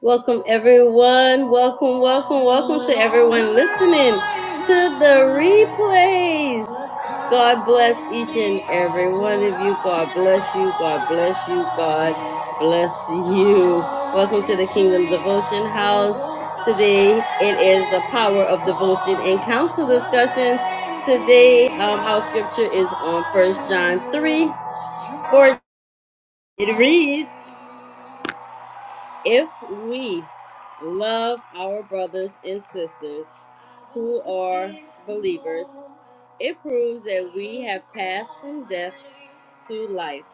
Welcome, everyone. Welcome, welcome, welcome to everyone listening to the replays. God bless each and every one of you. God bless you. God bless you. God bless you. Welcome to the Kingdom Devotion House. Today it is the power of devotion and council discussions. Today um, our scripture is on First John 3 4. It reads. If we love our brothers and sisters who are believers, it proves that we have passed from death to life.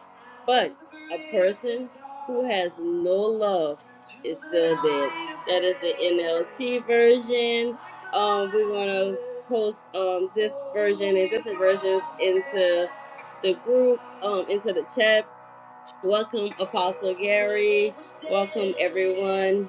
But a person who has no love is still dead. That is the NLT version. Um, we're gonna post um this version and different versions into the group, um, into the chat Welcome, Apostle Gary. Welcome, everyone.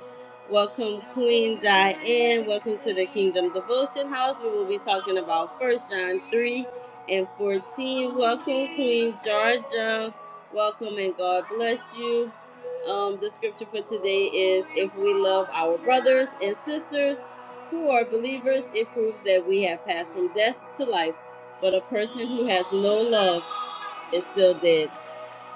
Welcome, Queen Diane. Welcome to the Kingdom Devotion House. We will be talking about First John 3 and 14. Welcome, Queen Georgia. Welcome, and God bless you. Um, the scripture for today is If we love our brothers and sisters who are believers, it proves that we have passed from death to life. But a person who has no love is still dead.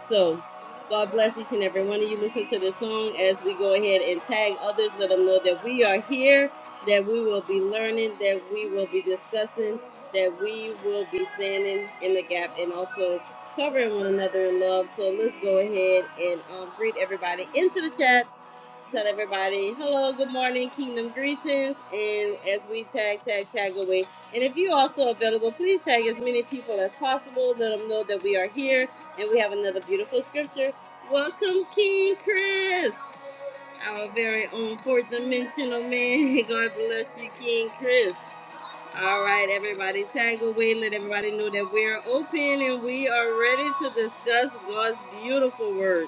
So, God bless each and every one of you. Listen to the song as we go ahead and tag others. Let them know that we are here, that we will be learning, that we will be discussing, that we will be standing in the gap and also covering one another in love. So, let's go ahead and um, greet everybody into the chat. Tell everybody hello, good morning, kingdom greetings, and as we tag, tag, tag away. And if you also available, please tag as many people as possible. Let them know that we are here and we have another beautiful scripture. Welcome, King Chris, our very own fourth dimensional man. God bless you, King Chris. All right, everybody, tag away. Let everybody know that we are open and we are ready to discuss God's beautiful word.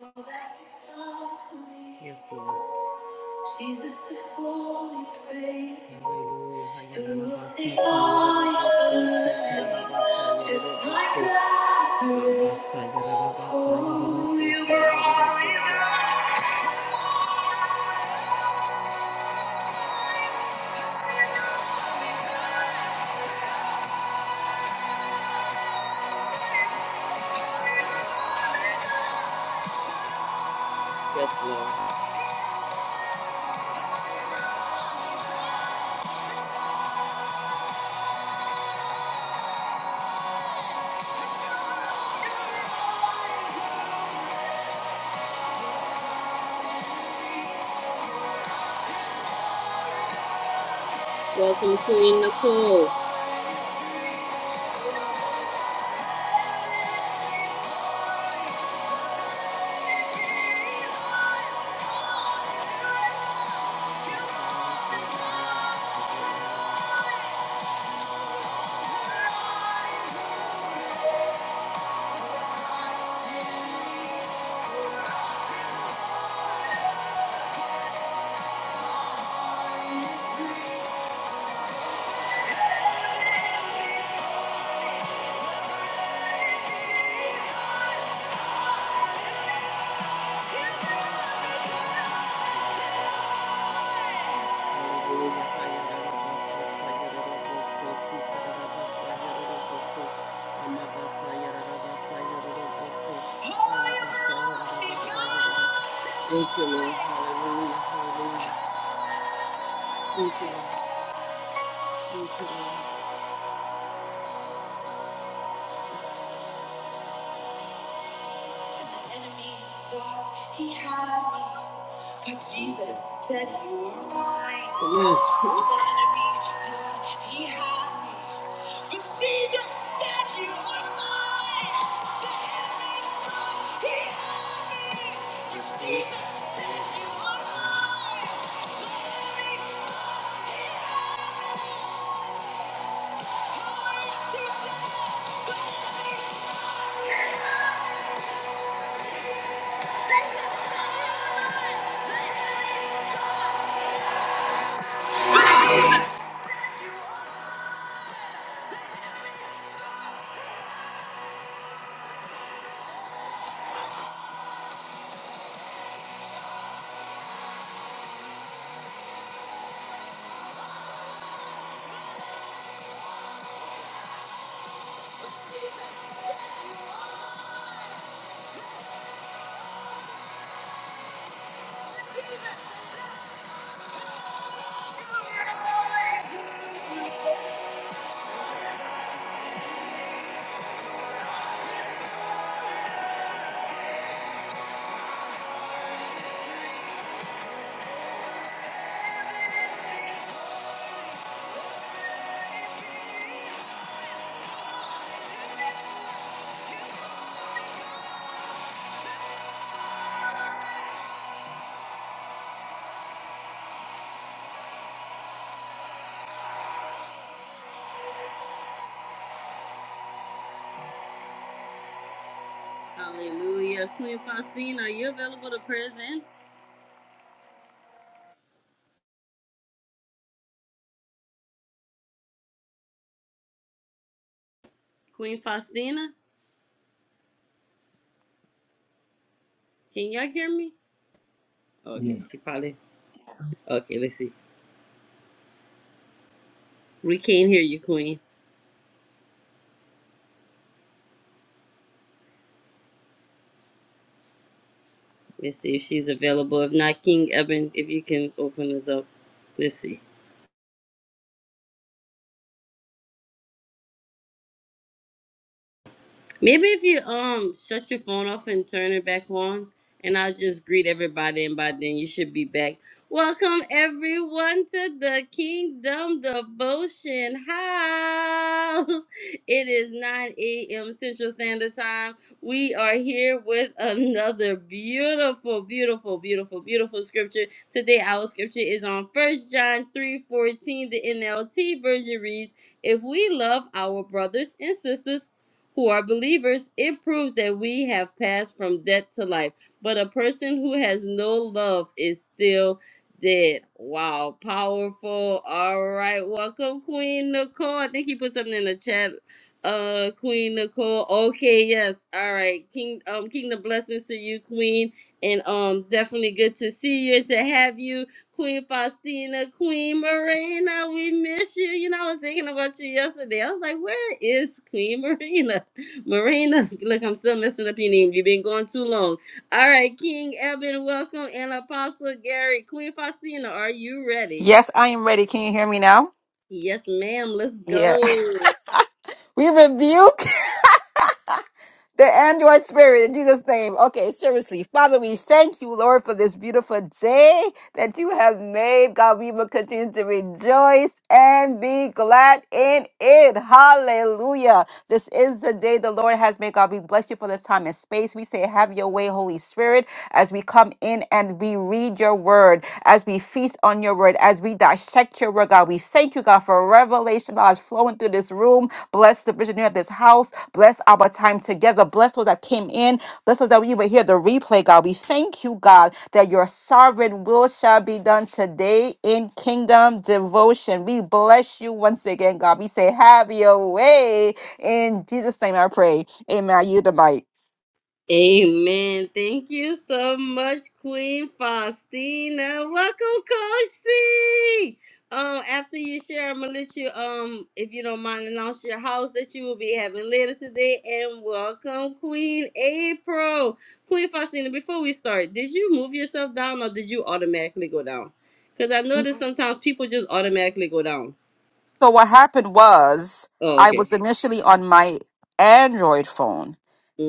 You. Jesus, to fully praise you, you will take all eternity, just like Lazarus. Oh, you brought me. Yes, Lord. Welcome, Queen Nicole. Thank you, Lord. Hallelujah. Hallelujah. Thank you. Enemy thought he had me, but Jesus said you are mine. Yes. The enemy, he had me, but Jesus said you are mine. He, you are mine. You are mine. Hallelujah. Queen Faustina, are you available to present? Queen Faustina, can y'all hear me? Yeah. Okay, she probably. Okay, let's see. We can't hear you, Queen. Let's see if she's available. If not, King Eben, if you can open this up. Let's see. Maybe if you um shut your phone off and turn it back on, and I'll just greet everybody, and by then you should be back. Welcome everyone to the Kingdom Devotion House. It is 9 a.m. Central Standard Time. We are here with another beautiful, beautiful, beautiful, beautiful scripture. Today our scripture is on 1 John 3:14. The NLT version reads, If we love our brothers and sisters, who are believers, it proves that we have passed from death to life. But a person who has no love is still dead. Wow, powerful. All right, welcome, Queen Nicole. I think he put something in the chat. Uh, Queen Nicole. Okay, yes. All right, King. Um, kingdom blessings to you, Queen, and um, definitely good to see you and to have you. Queen Faustina, Queen Marina, we miss you. You know, I was thinking about you yesterday. I was like, where is Queen Marina? Marina, look, I'm still messing up your name. You've been going too long. All right, King Evan, welcome, and Apostle Gary, Queen Faustina, are you ready? Yes, I am ready. Can you hear me now? Yes, ma'am. Let's Yeah. go. We rebuke the android spirit in Jesus' name. Okay, seriously. Father, we thank you, Lord, for this beautiful day that you have made. God, we will continue to rejoice and be glad in it. Hallelujah. This is the day the Lord has made. God, we bless you for this time. this time and space. We say, Have your way, Holy Spirit, as we come in and we read your word, as we feast on your word, as we dissect your word, God. We thank you, God, for revelation knowledge flowing through this room. Bless the visionary of this house. Bless our time together. Bless those that came in. Bless those that we will hear the replay, God. We thank you, God, that your sovereign will shall be done today in kingdom devotion. We bless you once again, God. We say, Have your way. In Jesus' name I pray. Amen. I yield the mic. Amen. Thank you so much, Queen Faustina. Welcome, Coach C. Um, after you share, I'm gonna let you um, if you don't mind, announce your house that you will be having later today. And welcome, Queen April. Queen Faustina, before we start, did you move yourself down or did you automatically go down? Because I noticed sometimes people just automatically go down. So what happened was Oh, I okay. was initially on my Android phone,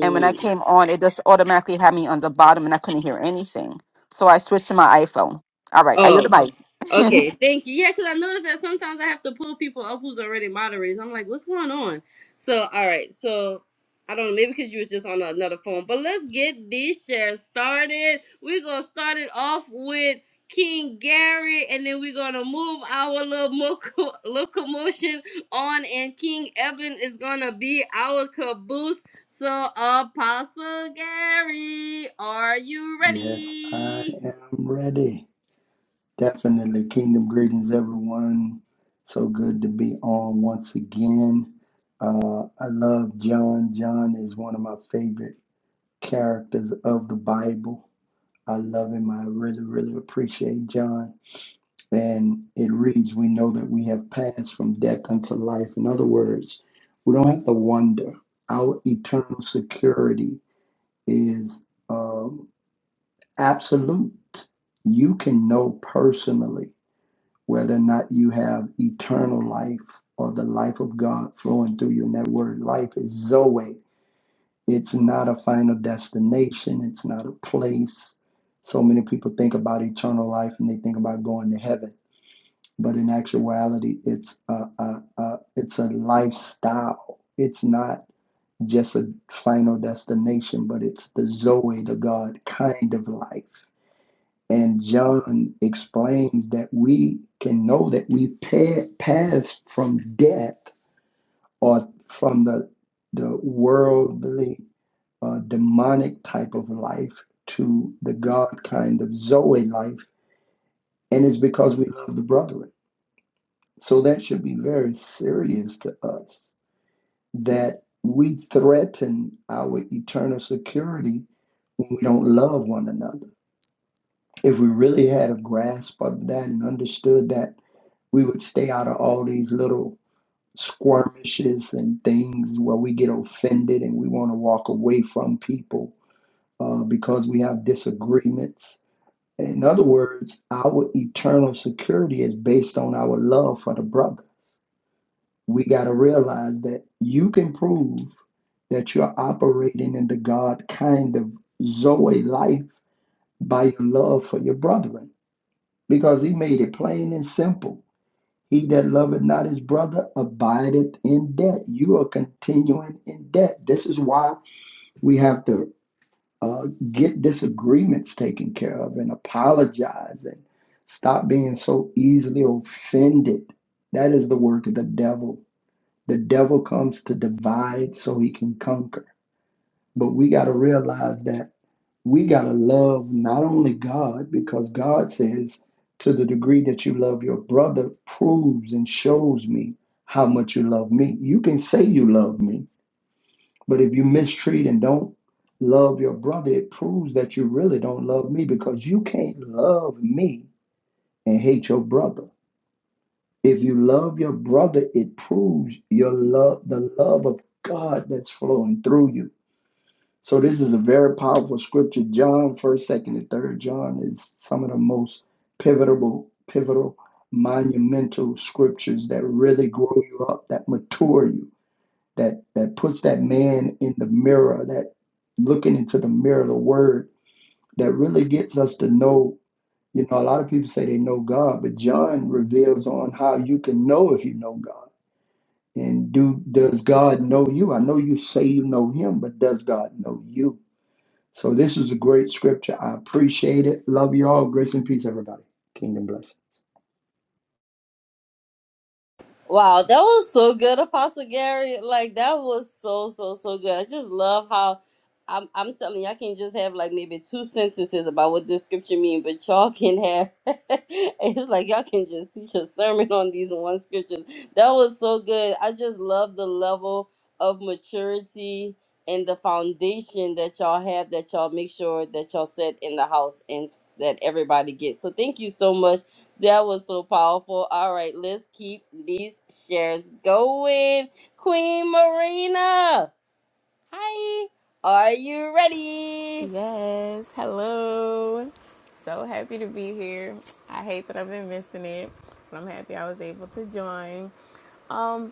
and when I came on, it just automatically had me on the bottom, and I couldn't hear anything. So I switched to my iPhone. All right, I yield Oh, the mic. Okay, thank you. Yeah, because I noticed that sometimes I have to pull people up who's already moderators. I'm like, what's going on? So, all right. So, I don't know. Maybe because you was just on another phone. But let's get these shares started. We're going to start it off with King Gary, and then we're going to move our little moco- locomotion on, and King Evan is going to be our caboose. So, Apostle Gary, are you Yes, I ready? am ready. Definitely. Kingdom greetings, everyone. So good to be on once again. Uh, I love John. John is one of my favorite characters of the Bible. I love him. I really, really appreciate John. And it reads, We know that we have passed from death unto life. In other words, we don't have to wonder. Our eternal security is. um, absolute. You can know personally whether or not you have eternal life or the life of God flowing through you. And that word life is Zoe. It's not a final destination, it's not a place. So many people think about eternal life and they think about going to heaven. But in actuality, it's a, a, a, it's a lifestyle. It's not just a final destination, but it's the Zoe, the God kind of life and John explains that we can know that we pa- pass from death or from the, the worldly, uh, demonic type of life to the God kind of Zoe life. And it's because we love the brethren. So that should be very serious to us that we threaten our eternal security when we don't love one another. If we really had a grasp of that and understood that we would stay out of all these little skirmishes and things where we get offended and we want to walk away from people uh, because we have disagreements. In other words, our eternal security is based on our love for the brother. We got to realize that you can prove that you're operating in the God kind of Zoe life by your love for your brethren because he made it plain and simple. He that loveth not his brother abideth in debt. You are continuing in debt. This is why we have to uh, get disagreements taken care of and apologize and stop being so easily offended. That is the work of the devil. The devil comes to divide so he can conquer. But we got to realize that we got to love not only God, because God says, to the degree that you love your brother, proves and shows me how much you love me. You can say you love me, but if you mistreat and don't love your brother, it proves that you really don't love me because you can't love me and hate your brother. If you love your brother, it proves your love, the love of God that's flowing through you. So this is a very powerful scripture. John, first, second, and third John is some of the most pivotal, pivotal, monumental scriptures that really grow you up, that mature you, that that puts that man in the mirror, that looking into the mirror of the word, that really gets us to know. You know, a lot of people say they know God, but John reveals on how you can know if you know God. And do does God know you? I know you say you know him, but does God know you? So this is a great scripture. I appreciate it. Love you all. Grace and peace, everybody. Kingdom blessings. Wow, that was so good, Apostle Gary. Like that was so so so good. I just love how I'm I'm telling you, I can just have like maybe two sentences about what this scripture mean, but y'all can have it's like y'all can just teach a sermon on these one scriptures. That was so good. I just love the level of maturity and the foundation that y'all have that y'all make sure that y'all set in the house and that everybody gets. So thank you so much that was so powerful. All right, let's keep these shares going. Queen Marina, hi. Are you ready? Yes, hello. So happy to be here. I hate that I've been missing it, but I'm happy I was able to join. Um,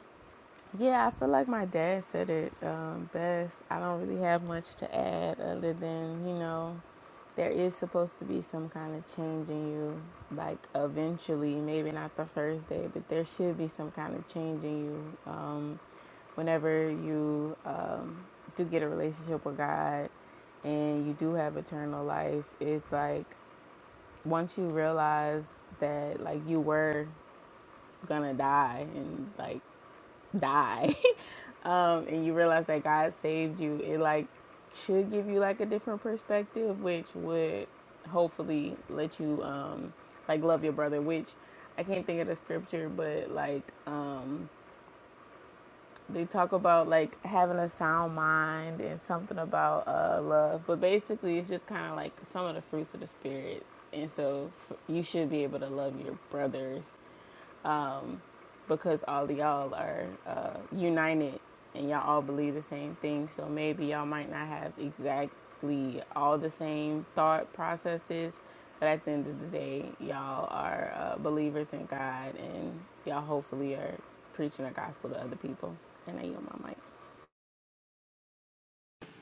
yeah, I feel like my dad said it um, best. I don't really have much to add other than, you know, there is supposed to be some kind of change in you, like eventually, maybe not the first day, but there should be some kind of change in you um, whenever you um, do get a relationship with God and you do have eternal life. It's like once you realize that, like, you were gonna die and, like, die um, and you realize that god saved you it like should give you like a different perspective which would hopefully let you um, like love your brother which i can't think of the scripture but like um, they talk about like having a sound mind and something about uh, love but basically it's just kind of like some of the fruits of the spirit and so f- you should be able to love your brothers because all of y'all are uh, united and y'all all believe the same thing. So maybe y'all might not have exactly all the same thought processes, but at the end of the day, y'all are uh, believers in God and y'all hopefully are preaching the gospel to other people. And I yield my mic.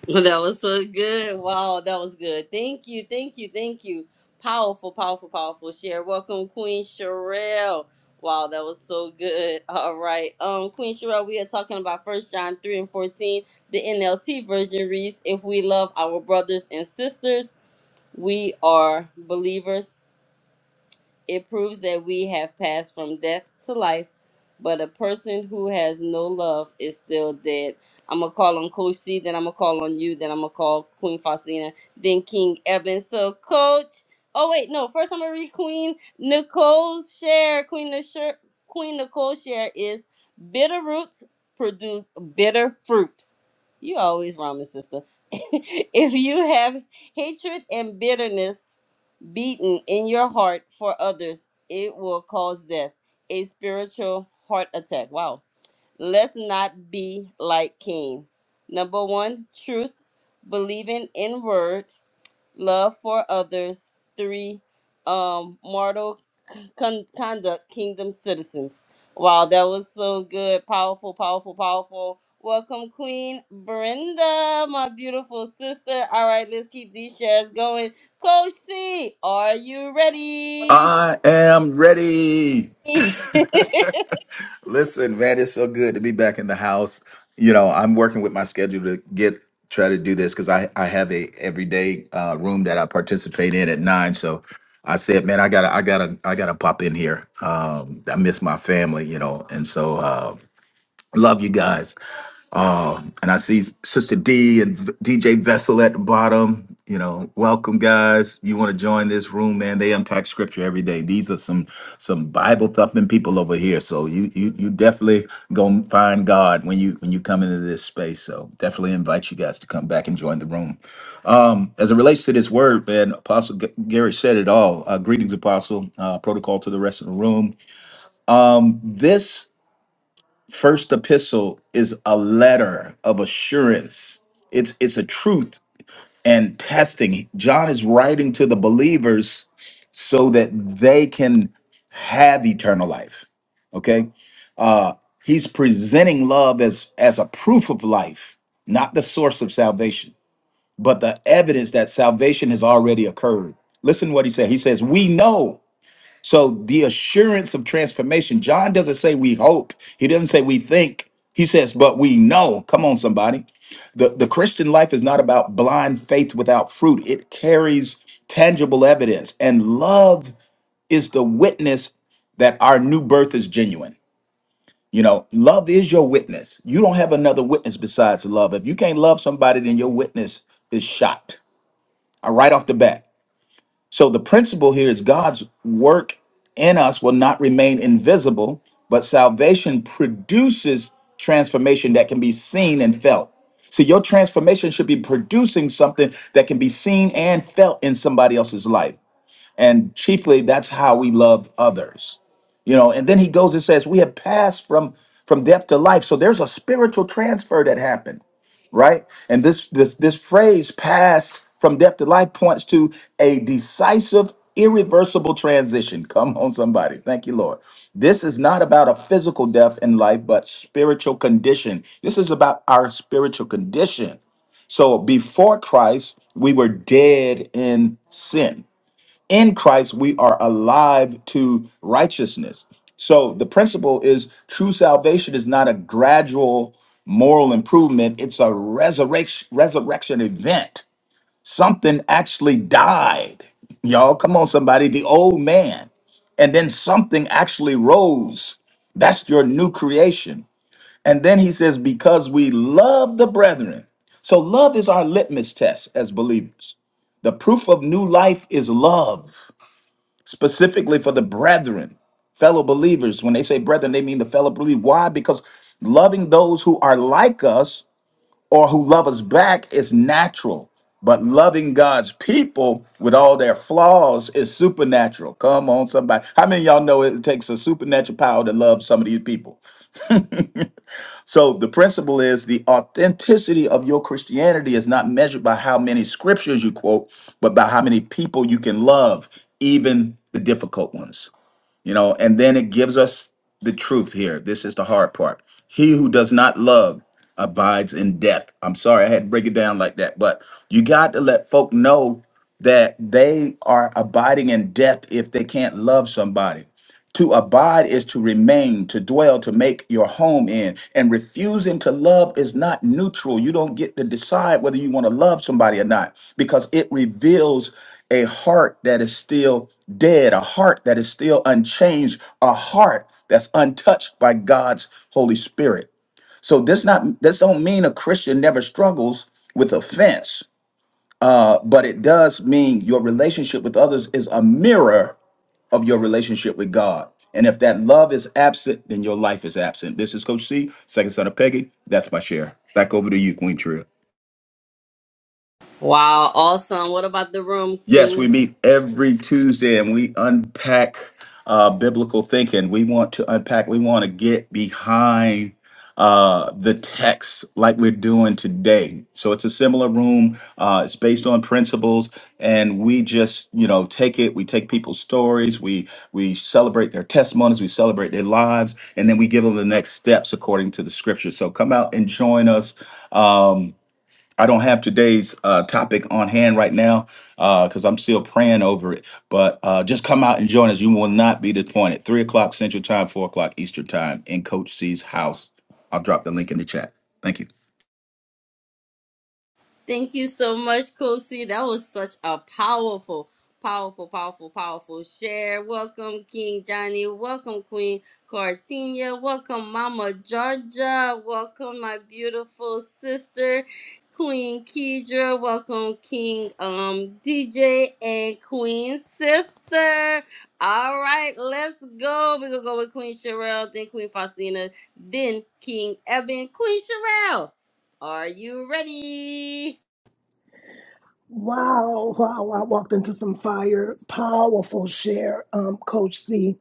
Well, that was so good. Wow, that was good. Thank you, thank you, thank you. Powerful, powerful, powerful share. Welcome, Queen Sherelle. Wow, that was so good. All right, um, Queen Sherelle, we are talking about First John three and fourteen. The NLT version reads, "If we love our brothers and sisters, we are believers." It proves that we have passed from death to life, but a person who has no love is still dead. I'm gonna call on Coach C, then I'm gonna call on you, then I'm gonna call Queen Faustina, then King Evan. So, Coach, oh wait, no, first I'm gonna read Queen Nicole's share. Queen Nicole's Queen Nicole's share is bitter roots produce bitter fruit. You always rhyming, sister. if you have hatred and bitterness beaten in your heart for others, it will cause death, a spiritual heart attack. Wow. Let's not be like Cain. Number one, truth, believing in word love for others. Three, um, mortal con- conduct, kingdom citizens. Wow, that was so good. Powerful, powerful, powerful. Welcome, Queen Brenda, my beautiful sister. All right, let's keep these shares going. Coach C, are you ready? I am ready. Listen, man, it's so good to be back in the house. You know, I'm working with my schedule to get try to do this because I I have a everyday uh, room that I participate in at nine. So I said, man, I gotta I gotta I gotta pop in here. Um, I miss my family, you know, and so uh, love you guys. Uh, and I see Sister D and V- DJ Vessel at the bottom. You know, welcome guys. You want to join this room, man? They unpack scripture every day. These are some some Bible thumping people over here. So you you you definitely gonna find God when you when you come into this space. So definitely invite you guys to come back and join the room. Um, as it relates to this word, man, Apostle G- Gary said it all. Uh, greetings, Apostle. Uh, protocol to the rest of the room. Um, this First epistle is a letter of assurance. It's it's a truth and testing. John is writing to the believers so that they can have eternal life. Okay? Uh he's presenting love as as a proof of life, not the source of salvation, but the evidence that salvation has already occurred. Listen what he said. He says, "We know so the assurance of transformation, John doesn't say we hope. He doesn't say we think. He says, but we know. Come on, somebody. The, the Christian life is not about blind faith without fruit, it carries tangible evidence. And love is the witness that our new birth is genuine. You know, love is your witness. You don't have another witness besides love. If you can't love somebody, then your witness is shot uh, right off the bat. So the principle here is God's work in us will not remain invisible, but salvation produces transformation that can be seen and felt. So your transformation should be producing something that can be seen and felt in somebody else's life. And chiefly that's how we love others. You know, and then he goes and says, "We have passed from from death to life." So there's a spiritual transfer that happened right? And this this this phrase passed from death to life points to a decisive irreversible transition. Come on somebody. Thank you, Lord. This is not about a physical death in life but spiritual condition. This is about our spiritual condition. So before Christ, we were dead in sin in Christ, we are alive to righteousness. So the principle is true salvation is not a gradual moral improvement, it's a resurrection resurrection event. Something actually died. Y'all, come on, somebody, the old man. And then something actually rose. That's your new creation. And then he says, because we love the brethren. So love is our litmus test as believers. The proof of new life is love specifically for the brethren, fellow believers. When they say brethren, they mean the fellow believer. Why? Because loving those who are like us or who love us back is natural. But loving God's people with all their flaws is supernatural. Come on, somebody. How many of y'all know it takes a supernatural power to love some of these people? So the principle is the authenticity of your Christianity is not measured by how many scriptures you quote, but by how many people you can love, even the difficult ones you know and then it gives us the truth here this is the hard part he who does not love abides in death i'm sorry i had to break it down like that but you got to let folk know that they are abiding in death if they can't love somebody to abide is to remain, to dwell, to make your home in. And refusing to love is not neutral. You don't get to decide whether you want to love somebody or not because it reveals a heart that is still dead, a heart that is still unchanged, a heart that's untouched by God's Holy Spirit. So this not this don't mean a Christian never struggles with offense, uh, but it does mean your relationship with others is a mirror of your relationship with God. And if that love is absent, then your life is absent. This is Coach C, second son of Peggy. That's my share. Back over to you, Queen Trill. wow, awesome. What about the room, Yes, King? we meet every Tuesday and we unpack uh, biblical thinking. We want to unpack, we want to get behind uh, the text like we're doing today. So it's a similar room. Uh, it's based on principles and we just, you know, take it. We take people's stories. We, we celebrate their testimonies. We celebrate their lives and then we give them the next steps according to the scripture. So come out and join us. Um, I don't have today's uh, topic on hand right now because I'm still praying over it. But uh, just come out and join us. You will not be disappointed. Three o'clock Central Time, four o'clock Eastern Time in Coach C's house. I'll drop the link in the chat. Thank you. Thank you so much, Kosi. That was such a powerful, powerful, powerful, powerful share. Welcome, King Johnny. Welcome, Queen Cartinia. Welcome, Mama Georgia. Welcome, my beautiful sister, Queen Kedra. Welcome, King um, DJ and Queen Sister. All right, let's go. We're going to go with Queen Sherelle, then Queen Faustina, then King Eben. Queen Sherelle, are you ready? Wow, wow, wow. I walked into some fire. Powerful share, um, Coach C.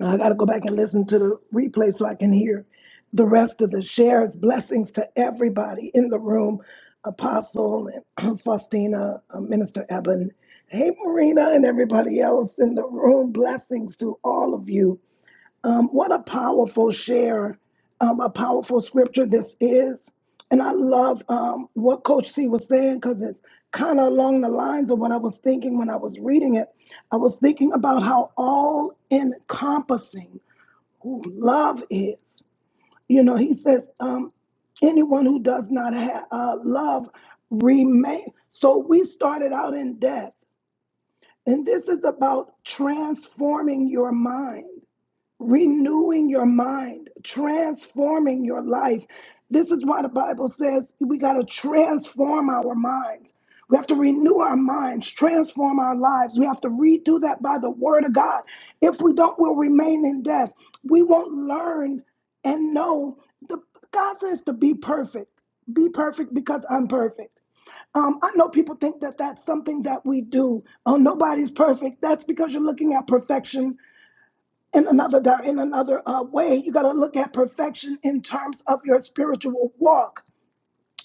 I got to go back and listen to the replay so I can hear the rest of the shares. Blessings to everybody in the room Apostle and Faustina, uh, Minister Eben. Hey, Marina, and everybody else in the room. Blessings to all of you. Um, what a powerful share, um, a powerful scripture this is. And I love um, what Coach C was saying because it's kind of along the lines of what I was thinking when I was reading it. I was thinking about how all encompassing who love is. You know, he says, um, anyone who does not have uh, love remain. So we started out in death, and this is about transforming your mind renewing your mind, transforming your life. This is why the Bible says we got to transform our minds. We have to renew our minds, transform our lives. We have to redo that by the word of God. If we don't, we'll remain in death. We won't learn and know. The, God says to be perfect. Be perfect because I'm perfect. Um, I know people think that that's something that we do. Oh, nobody's perfect. That's because you're looking at perfection in another di- in another uh, way. You got to look at perfection in terms of your spiritual walk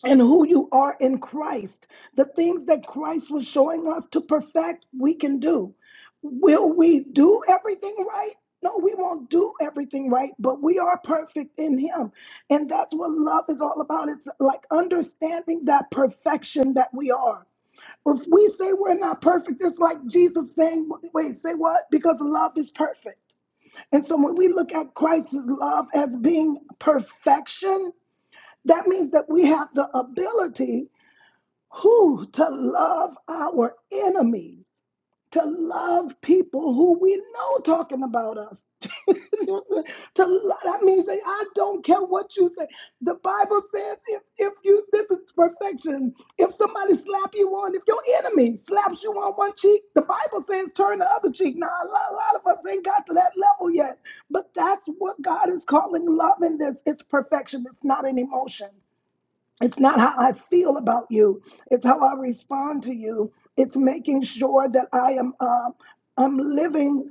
and who you are in Christ. The things that Christ was showing us to perfect, we can do. Will we do everything right? No, we won't do everything right, but we are perfect in Him. And that's what love is all about. It's like understanding that perfection that we are. If we say we're not perfect, it's like Jesus saying, wait, say what? Because love is perfect. And so when we look at Christ's love as being perfection, that means that we have the ability who to love our enemies to love people who we know talking about us. to love, that means say, I don't care what you say. The Bible says if if you this is perfection. If somebody slap you on, if your enemy slaps you on one cheek, the Bible says turn the other cheek. Now a lot, a lot of us ain't got to that level yet, but that's what God is calling love in this. It's perfection. It's not an emotion. It's not how I feel about you. It's how I respond to you. It's making sure that I am um, I'm living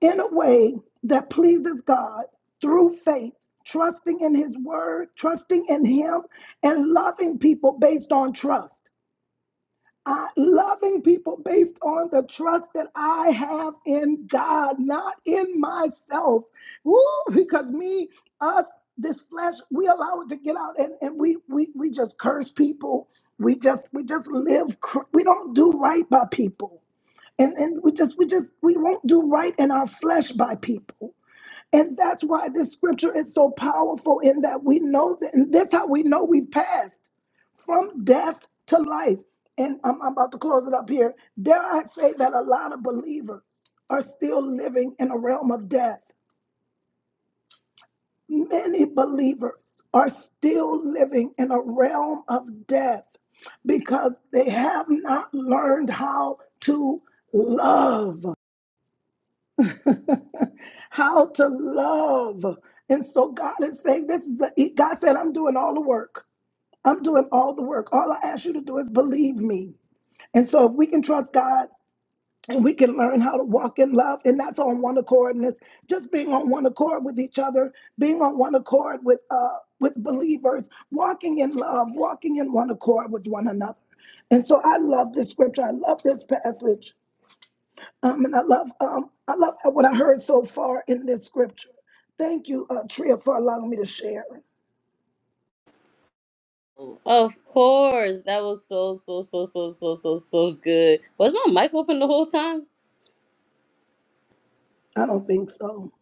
in a way that pleases God through faith, trusting in His Word, trusting in Him, and loving people based on trust. I, loving people based on the trust that I have in God, not in myself. Woo, because me, us, this flesh, we allow it to get out and, and we, we we just curse people. We just we just live cr- we don't do right by people. And and we just we just we won't do right in our flesh by people. And that's why this scripture is so powerful in that we know that, and that's how we know we've passed from death to life. And I'm, I'm about to close it up here. Dare I say that a lot of believers are still living in a realm of death? Many believers are still living in a realm of death because they have not learned how to love. how to love. And so God is saying, This is a, God said, I'm doing all the work. I'm doing all the work. All I ask you to do is believe me. And so if we can trust God and we can learn how to walk in love, and that's on one accord, and it's just being on one accord with each other, being on one accord with uh with believers, walking in love, walking in one accord with one another. And so I love this scripture. I love this passage um, and I love um, I love what I heard so far in this scripture. Thank you, uh, Tria, for allowing me to share. Of course, that was so so so so so so so good. Was my mic open the whole time? I don't think so.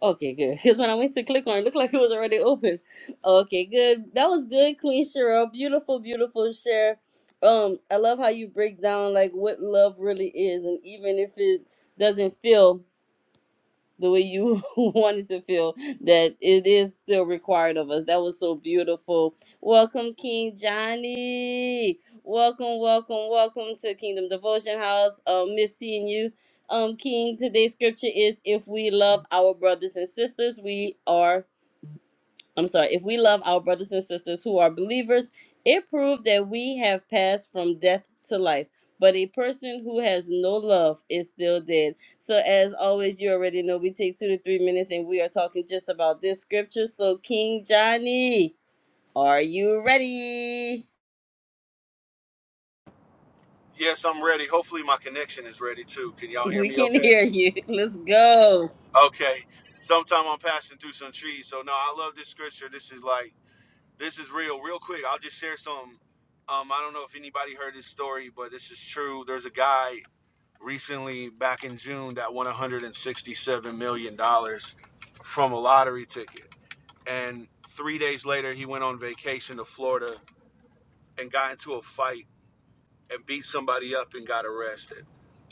Okay, good. Because when I went to click on it, it looked like it was already open. Okay, good. That was good, Queen Cheryl. Beautiful, beautiful share. Um, I love how you break down like what love really is, and even if it doesn't feel the way you wanted to feel that it is still required of us. That was so beautiful. Welcome, King Johnny. Welcome, welcome, welcome to Kingdom Devotion House. Um, miss seeing you. Um, King, today's scripture is if we love our brothers and sisters, we are I'm sorry, if we love our brothers and sisters who are believers, it proved that we have passed from death to life. But a person who has no love is still dead. So, as always, you already know we take two to three minutes and we are talking just about this scripture. So, King Johnny, are you ready? Yes, I'm ready. Hopefully, my connection is ready too. Can y'all hear We me can okay? hear you. Let's go. Okay. Sometime I'm passing through some trees. So, no, I love this scripture. This is like, this is real. Real quick, I'll just share some. Um, I don't know if anybody heard this story, but this is true. There's a guy recently back in June that won $167 million dollars from a lottery ticket. And three days later, he went on vacation to Florida and got into a fight and beat somebody up and got arrested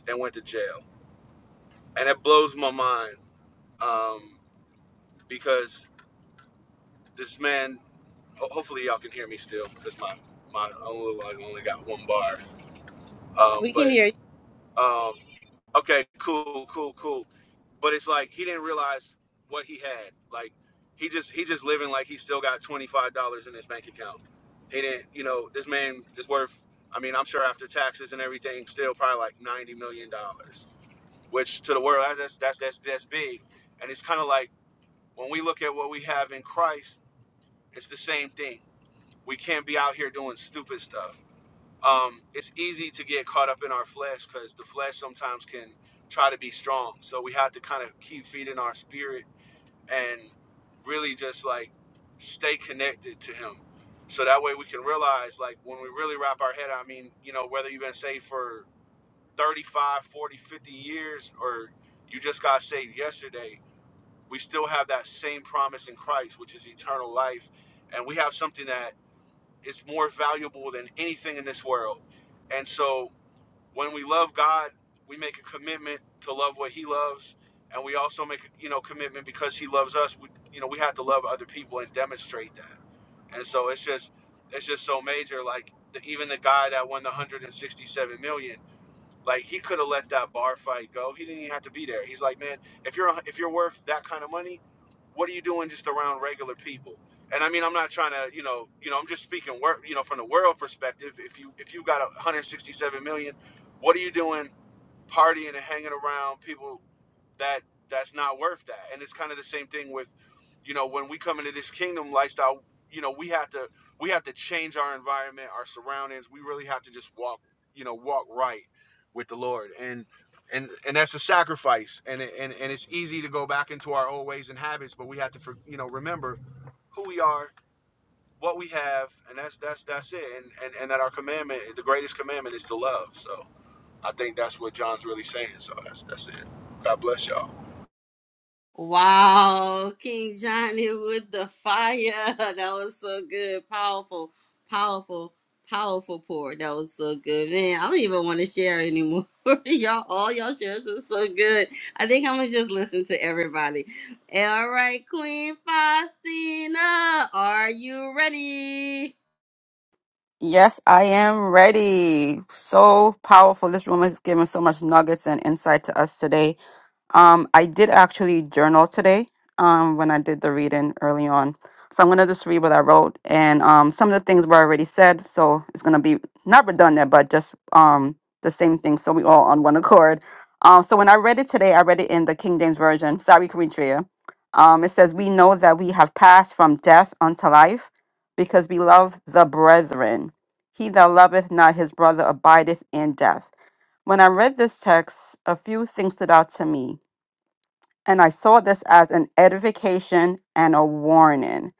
and went to jail and it blows my mind um, because this man. ho- Hopefully, y'all can hear me still because my my only like only got one bar. Um, We can but hear you. um, okay, cool, cool, cool. But it's like he didn't realize what he had. Like he just he just living like he still got twenty five dollars in his bank account. He didn't, you know, this man is worth. I mean, I'm sure after taxes and everything, still probably like ninety million dollars, which to the world that's that's that's that's big. And it's kind of like When we look at what we have in Christ, it's the same thing. We can't be out here doing stupid stuff. Um, it's easy to get caught up in our flesh because the flesh sometimes can try to be strong. So we have to kind of keep feeding our spirit and really just like stay connected to Him. So that way we can realize, like, when we really wrap our head, I mean, you know, whether you've been saved for 35, 40, 50 years or you just got saved yesterday, we still have that same promise in Christ, which is eternal life. And we have something that is more valuable than anything in this world. And so when we love God, we make a commitment to love what he loves. And we also make, you know, commitment because he loves us. We, you know, we have to love other people and demonstrate that. And so it's just, it's just so major. Like the, even the guy that won the 167 million, like he could have let that bar fight go. He didn't even have to be there. He's like, man, if you're, if you're worth that kind of money, what are you doing just around regular people? And I mean, I'm not trying to, you know, you know, I'm just speaking, wor- you know, from the world perspective. If you if you got 167 million, what are you doing partying and hanging around people that that's not worth that. And it's kind of the same thing with, you know, when we come into this kingdom lifestyle, you know, we have to we have to change our environment, our surroundings. We really have to just walk, you know, walk right with the Lord. And and and that's a sacrifice. And and and it's easy to go back into our old ways and habits, but we have to, you know, remember who we are, what we have, and that's that's that's it. And and and that our commandment, the greatest commandment, is to love. So I think that's what John's really saying. So that's that's it. God bless y'all. Wow, King Johnny with the fire. That was so good. Powerful, powerful, powerful pour. That was so good. Man, I don't even want to share anymore. y'all, all y'all shares are so good. I think I'm going to just listen to everybody. All right, Queen Faustina, are you ready? yes, I am ready. So powerful. This room has given so much nuggets and insight to us today. Um, I did actually journal today um, when I did the reading early on. So I'm going to just read what I wrote. And um, some of the things were already said. So it's going to be not redundant, but just um, the same thing. So we all on one accord. Um, so when I read it today, I read it in the King James Version. Sorry, Karitria. Um, it says, We know that we have passed from death unto life because we love the brethren. He that loveth not his brother abideth in death. When I read this text, a few things stood out to me. And I saw this as an edification and a warning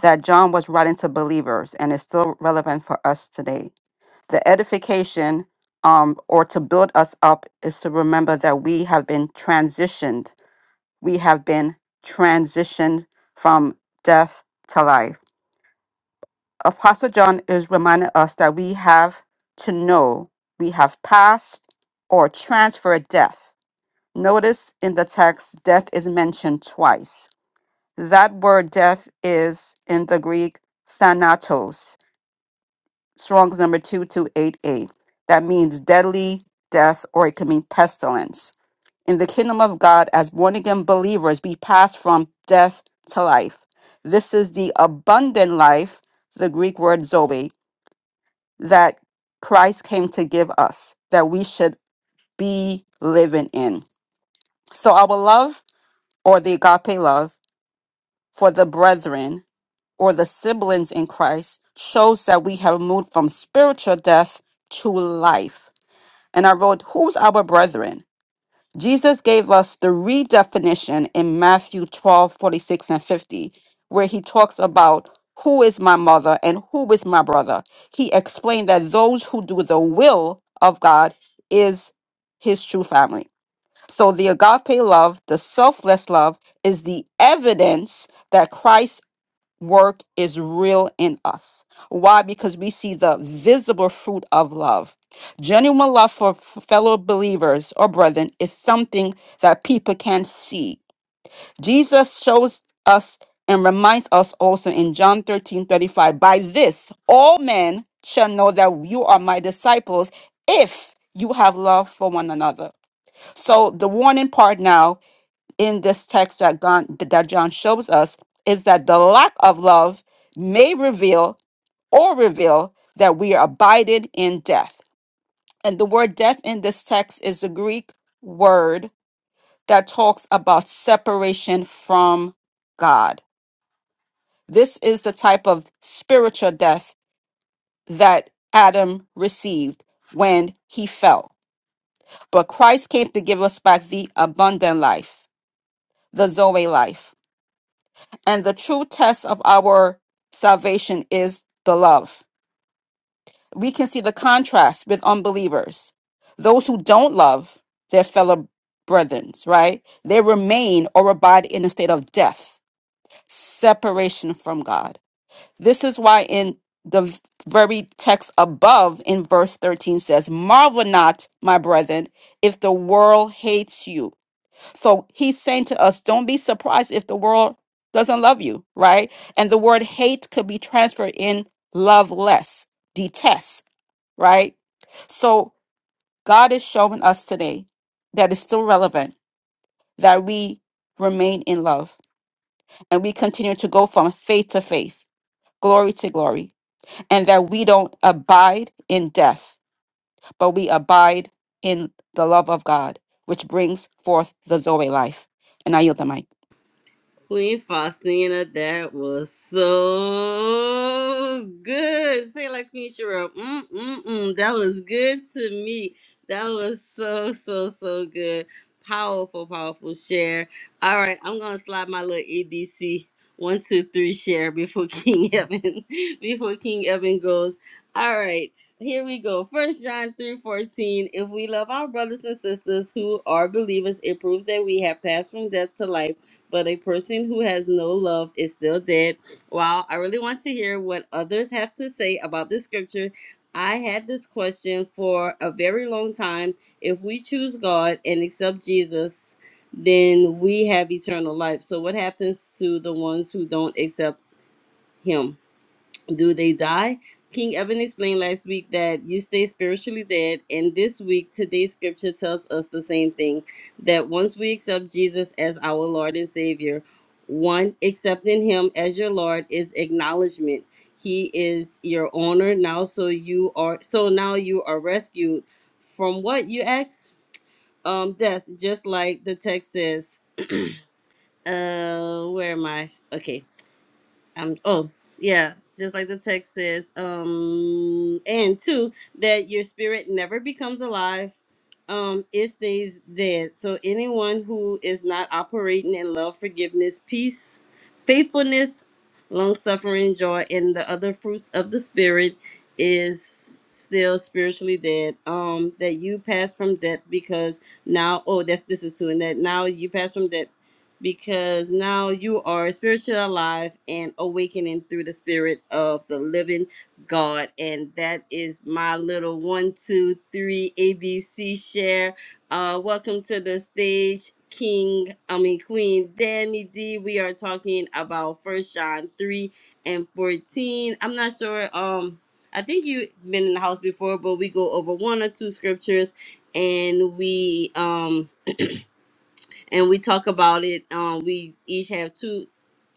that John was writing to believers and is still relevant for us today. The edification um, or to build us up is to remember that we have been transitioned. We have been transitioned from death to life. Apostle John is reminding us that we have to know we have passed or transferred death. Notice in the text, death is mentioned twice That word death is in the Greek thanatos, Strong's number 2288. That means deadly death or it can mean pestilence. In the kingdom of God, as born again believers, we pass from death to life. This is the abundant life, the Greek word zoe, that Christ came to give us, that we should be living in. So, our love or the agape love for the brethren or the siblings in Christ shows that we have moved from spiritual death to life. And I wrote, Who's our brethren? Jesus gave us the redefinition in Matthew 12 46 and 50, where he talks about who is my mother and who is my brother. He explained that those who do the will of God is his true family. So the agape love, the selfless love, is the evidence that Christ work is real in us. Why? Because we see the visible fruit of love. Genuine love for f- fellow believers or brethren is something that people can see. Jesus shows us and reminds us also in John 13 35. by this, all men shall know that you are my disciples if you have love for one another. So, the warning part now in this text that John, that John shows us is that the lack of love may reveal or reveal that we are abided in death. And the word death in this text is the Greek word that talks about separation from God. This is the type of spiritual death that Adam received when he fell. But Christ came to give us back the abundant life, the Zoe life. And the true test of our salvation is the love. We can see the contrast with unbelievers. Those who don't love their fellow brethren, right? They remain or abide in a state of death, separation from God. This is why in the very text above in verse 13 says, Marvel not, my brethren, if the world hates you. So he's saying to us, don't be surprised if the world doesn't love you, right? And the word hate could be transferred in love less, detest, right? So God is showing us today that is still relevant that we remain in love and we continue to go from faith to faith, glory to glory, and that we don't abide in death, but we abide in the love of God, which brings forth the Zoe life. And I yield the mic. Queen Faustina, that was so good. Say it like Queen Cheryl. Mm, mm, mm. That was good to me. That was so, so, so good. Powerful, powerful share. All right, I'm going to slide my little ABC. One, two, three share before King Evan, before King Evan goes. All right, here we go. First John 3 14. If we love our brothers and sisters who are believers, it proves that we have passed from death to life but a person who has no love is still dead. While I really want to hear what others have to say about this scripture, I had this question for a very long time. If we choose God and accept Jesus, then we have eternal life. So, what happens to the ones who don't accept Him? do they die? King Evan explained last week that you stay spiritually dead, and this week, today's scripture tells us the same thing that once we accept Jesus as our Lord and Savior, one, accepting Him as your Lord is acknowledgement. He is your owner now, so you are so now you are rescued from what you ask, um, death, just like the text says. Uh, where am I? Okay, um oh yeah just like the text says um and two that your spirit never becomes alive um it stays dead so anyone who is not operating in love forgiveness peace faithfulness long suffering joy and the other fruits of the spirit is still spiritually dead um that you pass from death because now oh that's this is two and that now you pass from death because now you are spiritually alive and awakening through the spirit of the living God. And that is my little one, two, three ABC share. Uh, welcome to the stage, King, I mean, Queen Danny D. We are talking about First John 3 and 14. I'm not sure. Um, I think you've been in the house before, but we go over one or two scriptures and we um and we talk about it. Um, we each have two,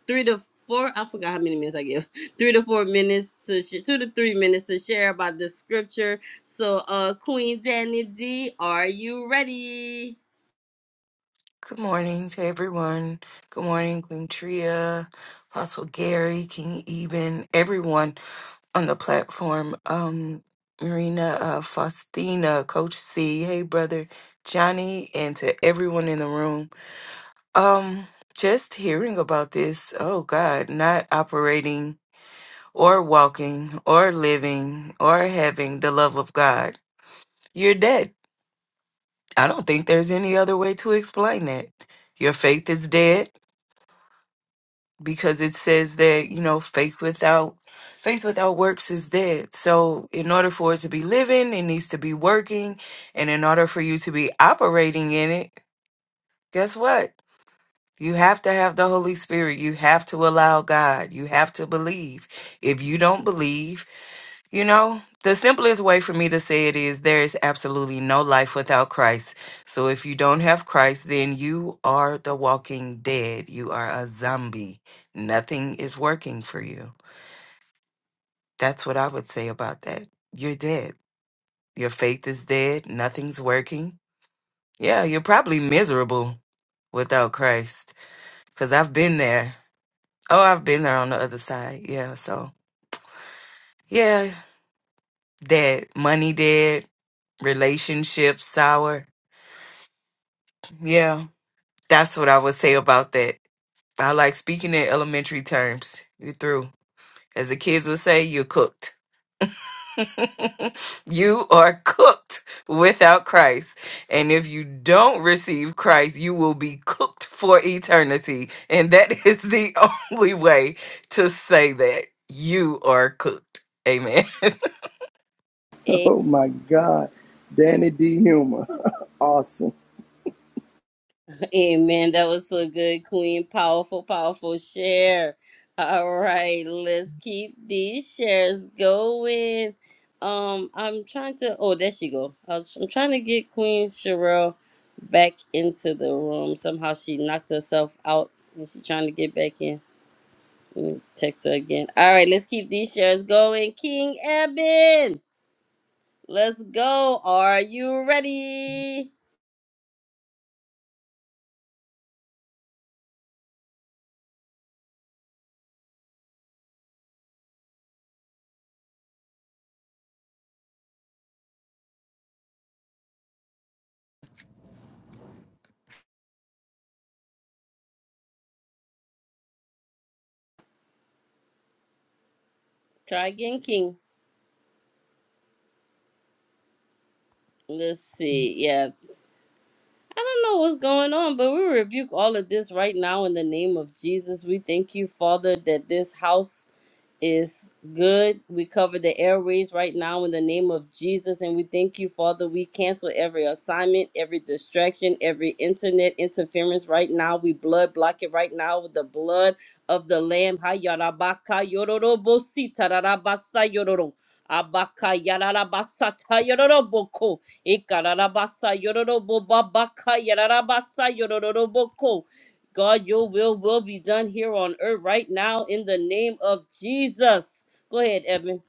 three to four. I forgot how many minutes I give. Three to four minutes to sh- two to three minutes to share about the scripture. So, uh, Queen Danny D, are you ready? Good morning to everyone. Good morning, Queen Tria, Apostle Gary, King Eben, everyone on the platform. Um, Marina, uh, Faustina, Coach C, hey brother Johnny, and to everyone in the room. Um, just hearing about this, oh God, not operating or walking or living or having the love of God, you're dead. I don't think there's any other way to explain that. Your faith is dead. because it says that you know faith without faith without works is dead so in order for it to be living it needs to be working and in order for you to be operating in it guess what you have to have the holy spirit you have to allow god you have to believe if you don't believe you know, the simplest way for me to say it is there is absolutely no life without Christ. So if you don't have Christ, then you are the walking dead. You are a zombie. Nothing is working for you. That's what I would say about that. You're dead. Your faith is dead. Nothing's working. Yeah, you're probably miserable without Christ because I've been there. Oh, I've been there on the other side. Yeah, so yeah, dead. Money dead. Relationships sour Yeah, that's what I would say about that. I like speaking in elementary terms. You're through. As the kids would say, you're cooked. you are cooked without Christ. And if you don't receive Christ, you will be cooked for eternity. And that is the only way to say that you are cooked. Amen. Oh my God. Danny D. Humor. awesome. Amen. That was so good, Queen. Powerful, powerful share. All right, let's keep these shares going. Um, I'm trying to. Oh, there she go. I was, I'm trying to get Queen Sherelle back into the room. Somehow she knocked herself out, and she's trying to get back in. Let me text her again. All right, let's keep these shares going. King Eben, let's go. Are you ready? Try again, King. Let's see. Yeah, I don't know what's going on, but we rebuke all of this right now in the name of Jesus. We thank you, Father, that this house is good. We cover the airways right now in the name of Jesus. And we thank you, Father. We cancel every assignment, every distraction, every internet interference right now. We blood block it right now with the blood of the Lamb. Ha, yarabaka, yororobo, sita, rarabasa, yororo. Abaka yararabasa ta yororoboko. Ikararabasa yororobo babaka yararabasa yororoboko. God, your will will be done here on earth right now in the name of Jesus. Go ahead, Evan.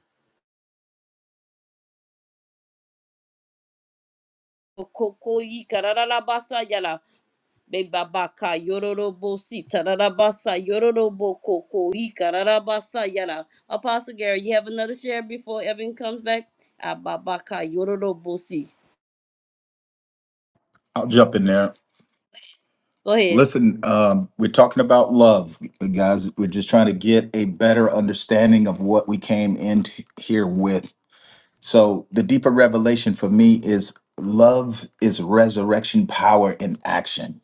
Okokoyi kararabasa yala bebabaka yororobo si tararabasa yororobo kokoyi kararabasa yala. Apostle Gary, you have another share before Evan comes back. Ababaka yororobo si. I'll jump in there. Go ahead. Listen, um, we're talking about love, guys. We're just trying to get a better understanding of what we came in t- here with. So, the deeper revelation for me is love is resurrection power in action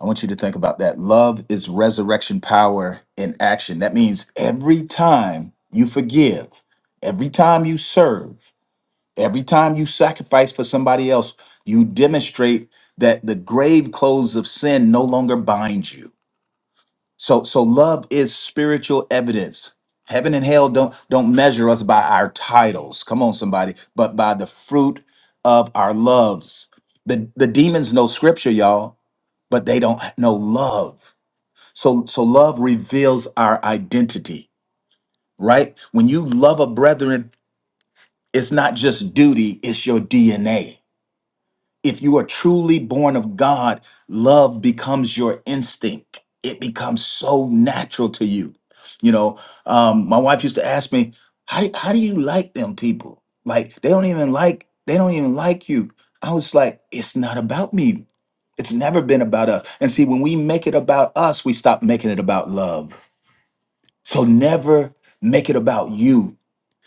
I want you to think about that. Love is resurrection power in action. That means every time you forgive, every time you serve, every time you sacrifice for somebody else, you demonstrate that the grave clothes of sin no longer bind you. So so love is spiritual evidence. Heaven and hell don't don't measure us by our titles. Come on somebody, but by the fruit of our loves. The the demons know scripture, y'all, but they don't know love. So so love reveals our identity, right? When you love a brethren, it's not just duty, it's your DNA. If you are truly born of God, love becomes your instinct. It becomes so natural to you. You know, um, my wife used to ask me, how, do- how do you like them people? Like they don't even like, they don't even like you. I was like, it's not about me. It's never been about us. And see, when we make it about us, we stop making it about love So never make it about you.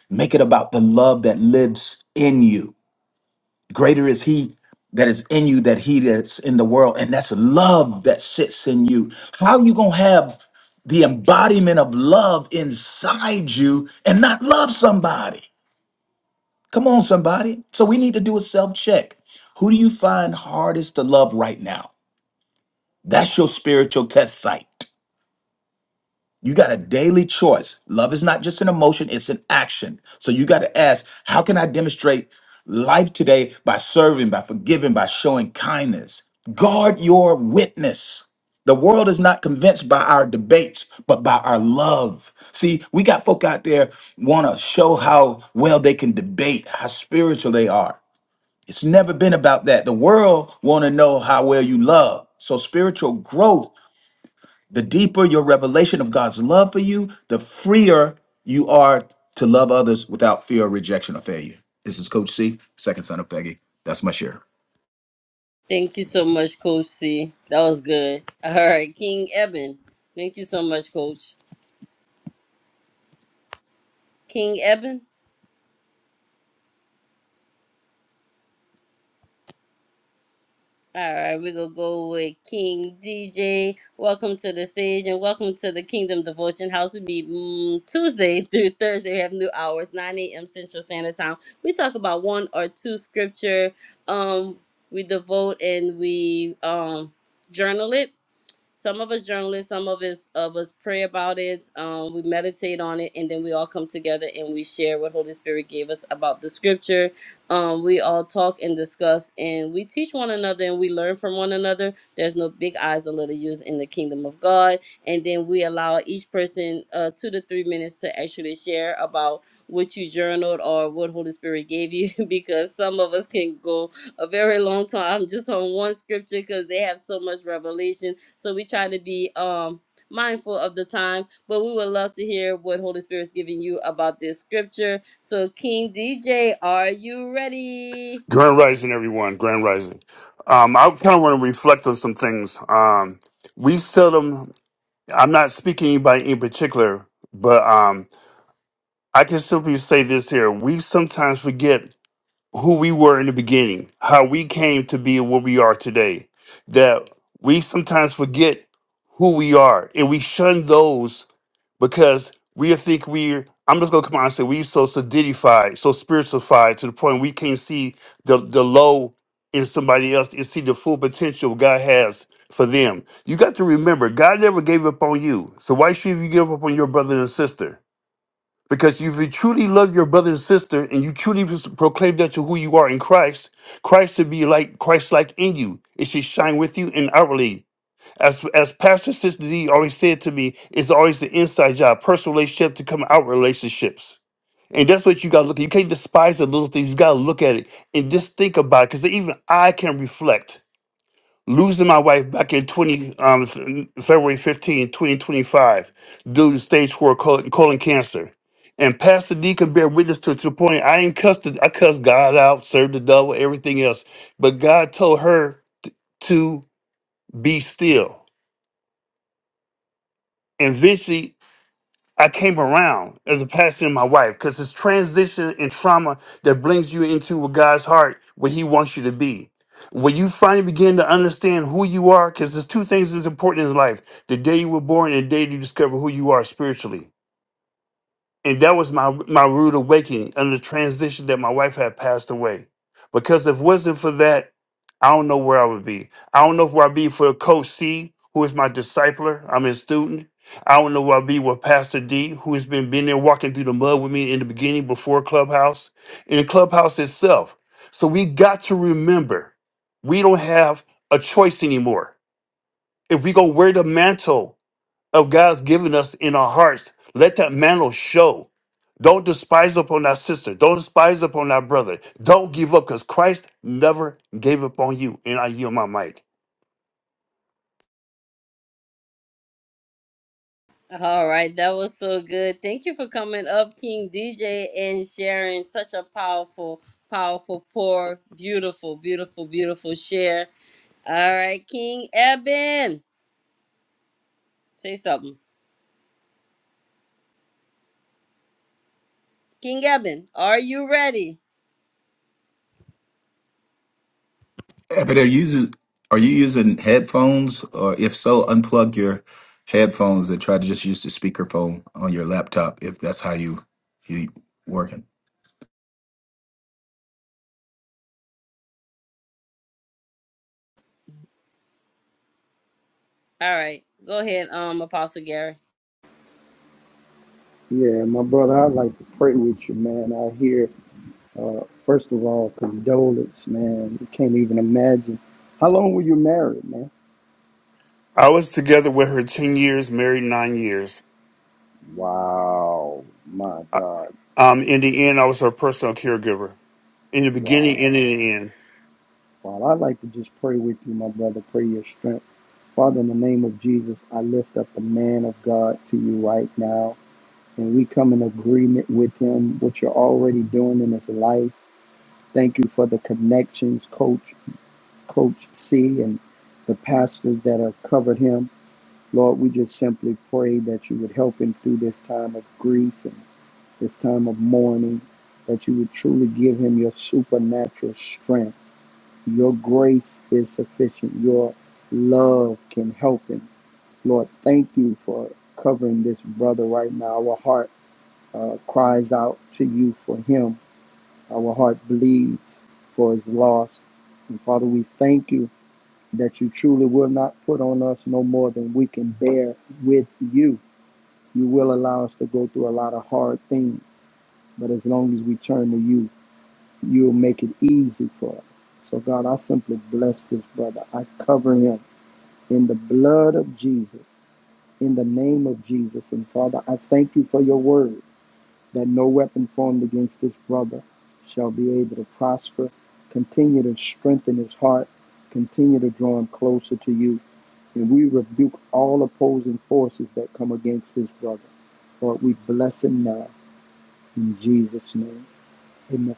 Make it about the love that lives in you. Greater is he that is in you that he that's in the world. And that's love that sits in you. How you gonna have the embodiment of love inside you and not love somebody? Come on, somebody. So we need to do a self-check. Who do you find hardest to love right now? That's your spiritual test site. You got a daily choice. Love is not just an emotion, it's an action. So you got to ask, how can I demonstrate life today by serving, by forgiving, by showing kindness? Guard your witness. The world is not convinced by our debates, but by our love. See, we got folk out there want to show how well they can debate, how spiritual they are. It's never been about that. The world want to know how well you love. So spiritual growth the deeper your revelation of God's love for you, the freer you are to love others without fear of rejection or failure. This is Coach C, second son of Peggy. That's my share. Thank you so much, Coach C. That was good. All right, King Evan. Thank you so much, Coach. King Evan. All right, we're gonna go with King DJ. Welcome to the stage and welcome to the Kingdom Devotion House. We meet mm, Tuesday through Thursday. We have new hours, 9 a.m. Central Standard Time. We talk about one or two scripture. Um, we devote and we um journal it some of us journalists, some of us of us pray about it. Um, we meditate on it, and then we all come together and we share what Holy Spirit gave us about the Scripture. Um, we all talk and discuss, and we teach one another, and we learn from one another. There's no big eyes or little U's in the kingdom of God, and then we allow each person uh, two to three minutes to actually share about what you journaled or what Holy Spirit gave you, because some of us can go a very long time. just on one scripture because they have so much revelation. So we try to be um mindful of the time, but we would love to hear what Holy Spirit's giving you about this scripture. So King DJ, are you ready? Grand Rising, everyone. Grand Rising. Um, I kind of want to reflect on some things. Um, we seldom, I'm not speaking by in particular, but um, I can simply say this here. We sometimes forget who we were in the beginning, how we came to be what we are today, that we sometimes forget who we are and we shun those because we think we I'm just gonna come out and say we so solidified, so spiritualified to the point we can't see the the low in somebody else and see the full potential God has for them. You got to remember, God never gave up on you. So why should you give up on your brother and sister? Because if you truly love your brother and sister and you truly pros- proclaim that to who you are in Christ, Christ should be like Christ like in you. It should shine with you and outwardly. As as Pastor Sister D always said to me, it's always the inside job, personal relationship to come out relationships. And that's what you gotta look at. You can't despise the little things. You gotta look at it and just think about it. Cause even I can reflect. Losing my wife back in 20 um, F- February 15, 2025, due to stage four colon, colon cancer. And Pastor D can bear witness to it to the point I ain't cussed it- I cussed God out, served the devil, everything else. But God told her to be still. And eventually I came around as a pastor and my wife because it's transition and trauma that brings you into what God's heart, what He wants you to be. When you finally begin to understand who you are, because there's two things that's important in life the day you were born and the day you discover who you are spiritually and that was my my rude awakening under the transition that my wife had passed away. Because if it wasn't for that, I don't know where I would be. I don't know if where I'd be for Coach C, who is my discipler. I'm his student. I don't know where I'd be with Pastor D, who has been been there walking through the mud with me in the beginning before Clubhouse and Clubhouse itself. So we got to remember, we don't have a choice anymore. If we gonna wear the mantle of God's given us in our hearts. Let that mantle show. Don't despise upon our sister. Don't despise upon our brother. Don't give up because Christ never gave up on you. And I yield my mic. All right, that was so good. Thank you for coming up, King DJ, and sharing such a powerful, powerful, poor, beautiful, beautiful, beautiful share. All right, King Eben, say something. King Eben, are you ready? Yeah, but are you using are you using headphones or if so, unplug your headphones and try to just use the speakerphone on your laptop if that's how you you working. All right. Go ahead, um, Apostle Gary. Yeah, my brother, I'd like to pray with you, man. I hear, uh, first of all, condolence, man. You can't even imagine. How long were you married, man? I was together with her 10 years, married nine years. Wow. My I- God. Um, in the end, I was her personal caregiver. In the beginning and Wow. in the end. Well, I'd like to just pray with you, my brother. Pray your strength. Father, in the name of Jesus, I lift up the man of God to you right now. And we come in agreement with him, what you're already doing in his life. Thank you for the connections, Coach, Coach C, and the pastors that have covered him. Lord, we just simply pray that you would help him through this time of grief and this time of mourning, that you would truly give him your supernatural strength. Your grace is sufficient. Your love can help him. Lord, thank you for covering this brother right now. Our heart uh, cries out to you for him. Our heart bleeds for his loss. And Father, we thank you that you truly will not put on us no more than we can bear with you. You will allow us to go through a lot of hard things, but as long as we turn to you, you'll make it easy for us. So, God, I simply bless this brother. I cover him in the blood of Jesus, in the name of Jesus. And Father, I thank you for your word. that no weapon formed against this brother shall be able to prosper. Continue to strengthen his heart. Continue to draw him closer to you. And we rebuke all opposing forces that come against this brother. Lord, we bless him now in Jesus' name. Amen.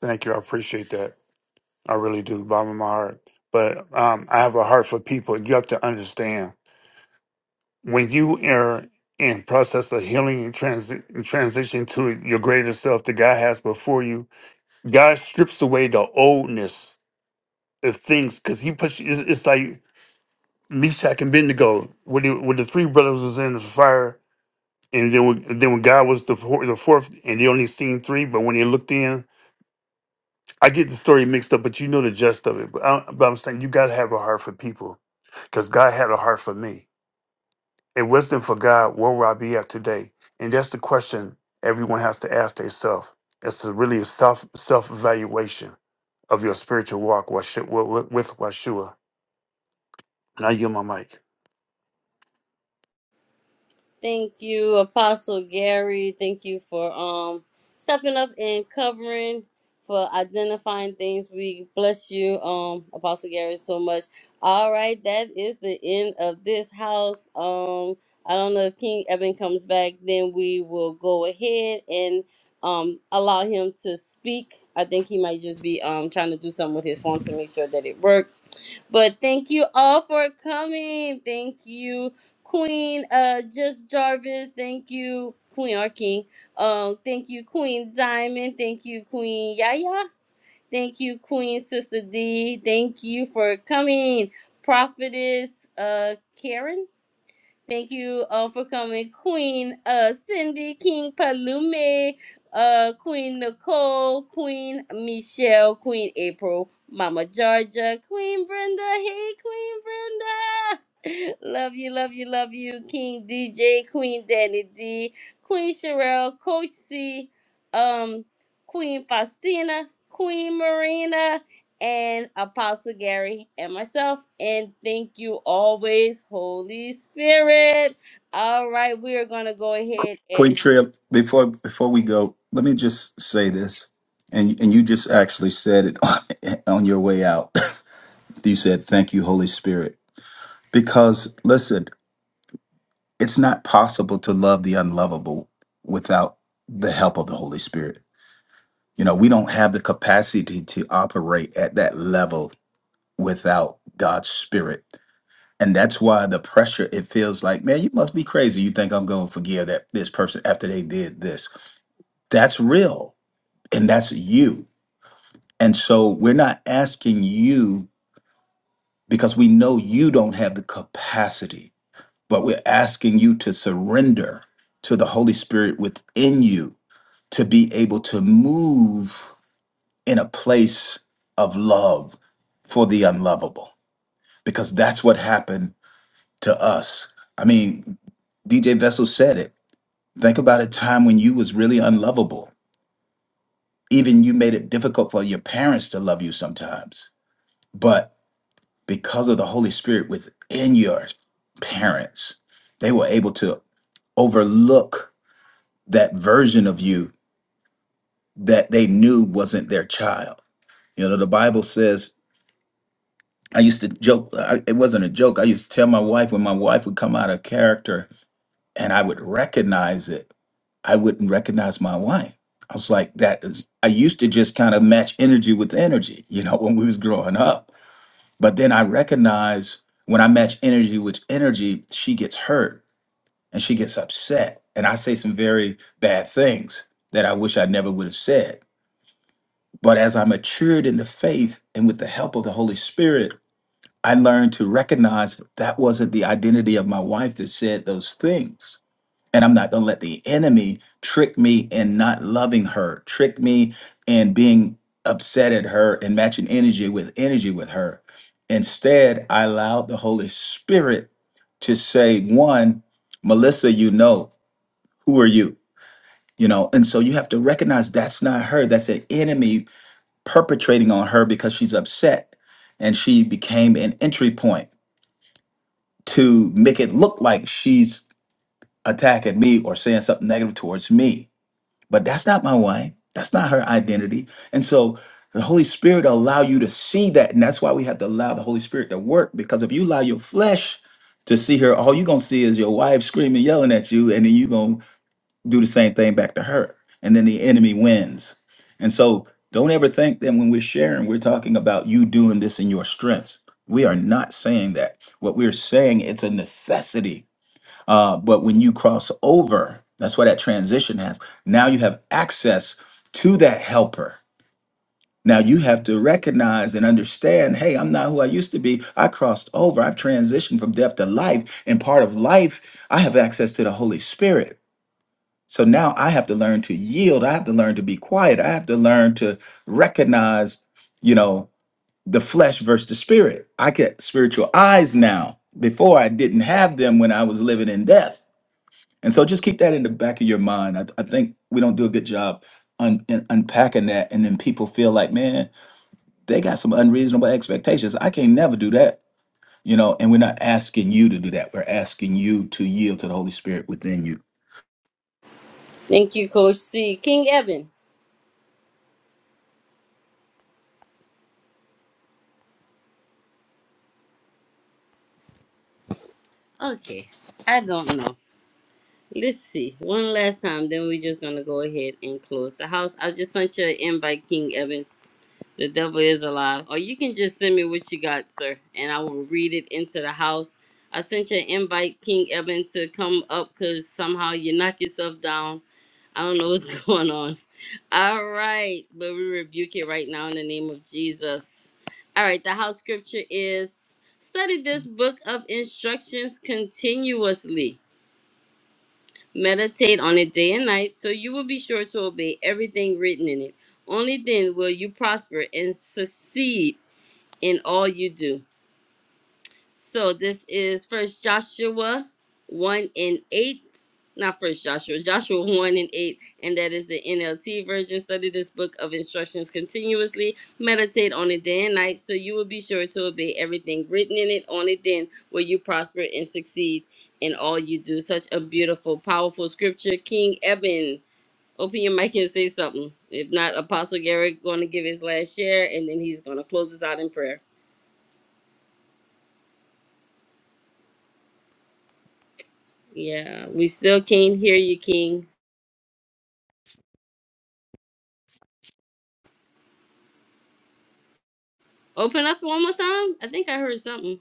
Thank you. I appreciate that. I really do, bottom of my heart. But um, I have a heart for people. You have to understand. when you are in process of healing and transi- and transition to your greater self that God has before you, God strips away the oldness of things because He puts. It's, it's like Meshach and Bendigo, when, the- when the three brothers was in the fire, and then when, then when God was the four, the fourth, and they only seen three, but when they looked in, I get the story mixed up, but you know the gist of it. But, I, but I'm saying you got to have a heart for people because God had a heart for me. A wisdom for God, where would I be at today? And that's the question everyone has to ask themselves. It's a really self self evaluation of your spiritual walk with with with Washua. And I yield my mic. Thank you, Apostle Gary. Thank you for um stepping up and covering for identifying things. We bless you, um, Apostle Gary, so much. All right, that is the end of this house. Um, I don't know if King Evan comes back, then we will go ahead and um allow him to speak. I think he might just be um trying to do something with his phone to make sure that it works. But thank you all for coming. Thank you. Queen uh Just Jarvis, thank you, Queen or King. Um, thank you, Queen Diamond, thank you, Queen Yaya, thank you, Queen Sister D, thank you for coming, Prophetess uh Karen. Thank you all for coming, Queen uh, Cindy, King Palume, uh, Queen Nicole, Queen Michelle, Queen April, Mama Georgia, Queen Brenda. Hey, Queen Brenda. Love you, love you, love you, King DJ, Queen Danny D, Queen Sherelle, Coach C, um, Queen Faustina, Queen Marina and Apostle Gary and myself. And thank you always, Holy Spirit. All right, we are going to go ahead Queen and Trip, before before we go, let me just say this, and and you just actually said it on your way out. you said, "Thank you, Holy Spirit." Because listen, it's not possible to love the unlovable without the help of the Holy Spirit. You know, we don't have the capacity to operate at that level without God's Spirit. And that's why the pressure, it feels like, man, you must be crazy. You think I'm going to forgive that this person after they did this. That's real. And that's you. And so we're not asking you because we know you don't have the capacity but we're asking you to surrender to the Holy Spirit within you to be able to move in a place of love for the unlovable, because that's what happened to us. I mean, DJ Vessel said it. Think about a time when you was really unlovable. Even you made it difficult for your parents to love you sometimes. But because of the Holy Spirit within your parents, they were able to overlook that version of you that they knew wasn't their child. You know, the Bible says, I used to joke, I, it wasn't a joke. I used to tell my wife when my wife would come out of character and I would recognize it, I wouldn't recognize my wife. I was like, that is, I used to just kind of match energy with energy, you know, when we was growing up. But then I recognize when I match energy with energy, she gets hurt and she gets upset. And I say some very bad things that I wish I never would have said But as I matured in the faith and with the help of the Holy Spirit, I learned to recognize that wasn't the identity of my wife that said those things. And I'm not going to let the enemy trick me in not loving her, trick me in being upset at her and matching energy with energy with her. Instead, I allowed the Holy Spirit to say, one, Melissa, you know, who are you? You know, and so you have to recognize that's not her. That's an enemy perpetrating on her because she's upset and she became an entry point to make it look like she's attacking me or saying something negative towards me but that's not my wife that's not her identity and so the holy spirit will allow you to see that and that's why we have to allow the holy spirit to work because if you allow your flesh to see her all you're gonna see is your wife screaming yelling at you and then you gonna do the same thing back to her. And then the enemy wins. And so don't ever think that when we're sharing, we're talking about you doing this in your strengths. We are not saying that. What we're saying, it's a necessity. Uh, but when you cross over, that's why that transition has. Now you have access to that helper. Now you have to recognize and understand hey, I'm not who I used to be. I crossed over. I've transitioned from death to life. And part of life, I have access to the Holy Spirit. So now I have to learn to yield. I have to learn to be quiet. I have to learn to recognize, you know, the flesh versus the spirit. I get spiritual eyes now. Before I didn't have them when I was living in death. And so just keep that in the back of your mind. I, I think we don't do a good job un, in unpacking that. And then people feel like, man, they got some unreasonable expectations. I can never do that, you know, and we're not asking you to do that. We're asking you to yield to the Holy Spirit within you. thank you, Coach C. King Evan. Okay, I don't know. Let's see. One last time, then we're just going to go ahead and close the house. I just sent you an invite, King Evan. The devil is alive. Or you can just send me what you got, sir, and I will read it into the house. I sent you an invite, King Eben, to come up because somehow you knock yourself down. I don't know what's going on. All right, but we rebuke it right now in the name of Jesus. All right, the house scripture is study this book of instructions continuously Meditate on it day and night, so you will be sure to obey everything written in it. Only then will you prosper and succeed in all you do. So this is First Joshua one and eight, not First Joshua, Joshua one and eight, and that is the NLT version. Study this book of instructions continuously, meditate on it day and night, so you will be sure to obey everything written in it. On it, then will you prosper and succeed in all you do. Such a beautiful, powerful scripture, King Eben. Open your mic and say something. If not, Apostle Garrett going to give his last share, and then he's going to close us out in prayer. Yeah, we still can't hear you, King. Open up one more time. I think I heard something.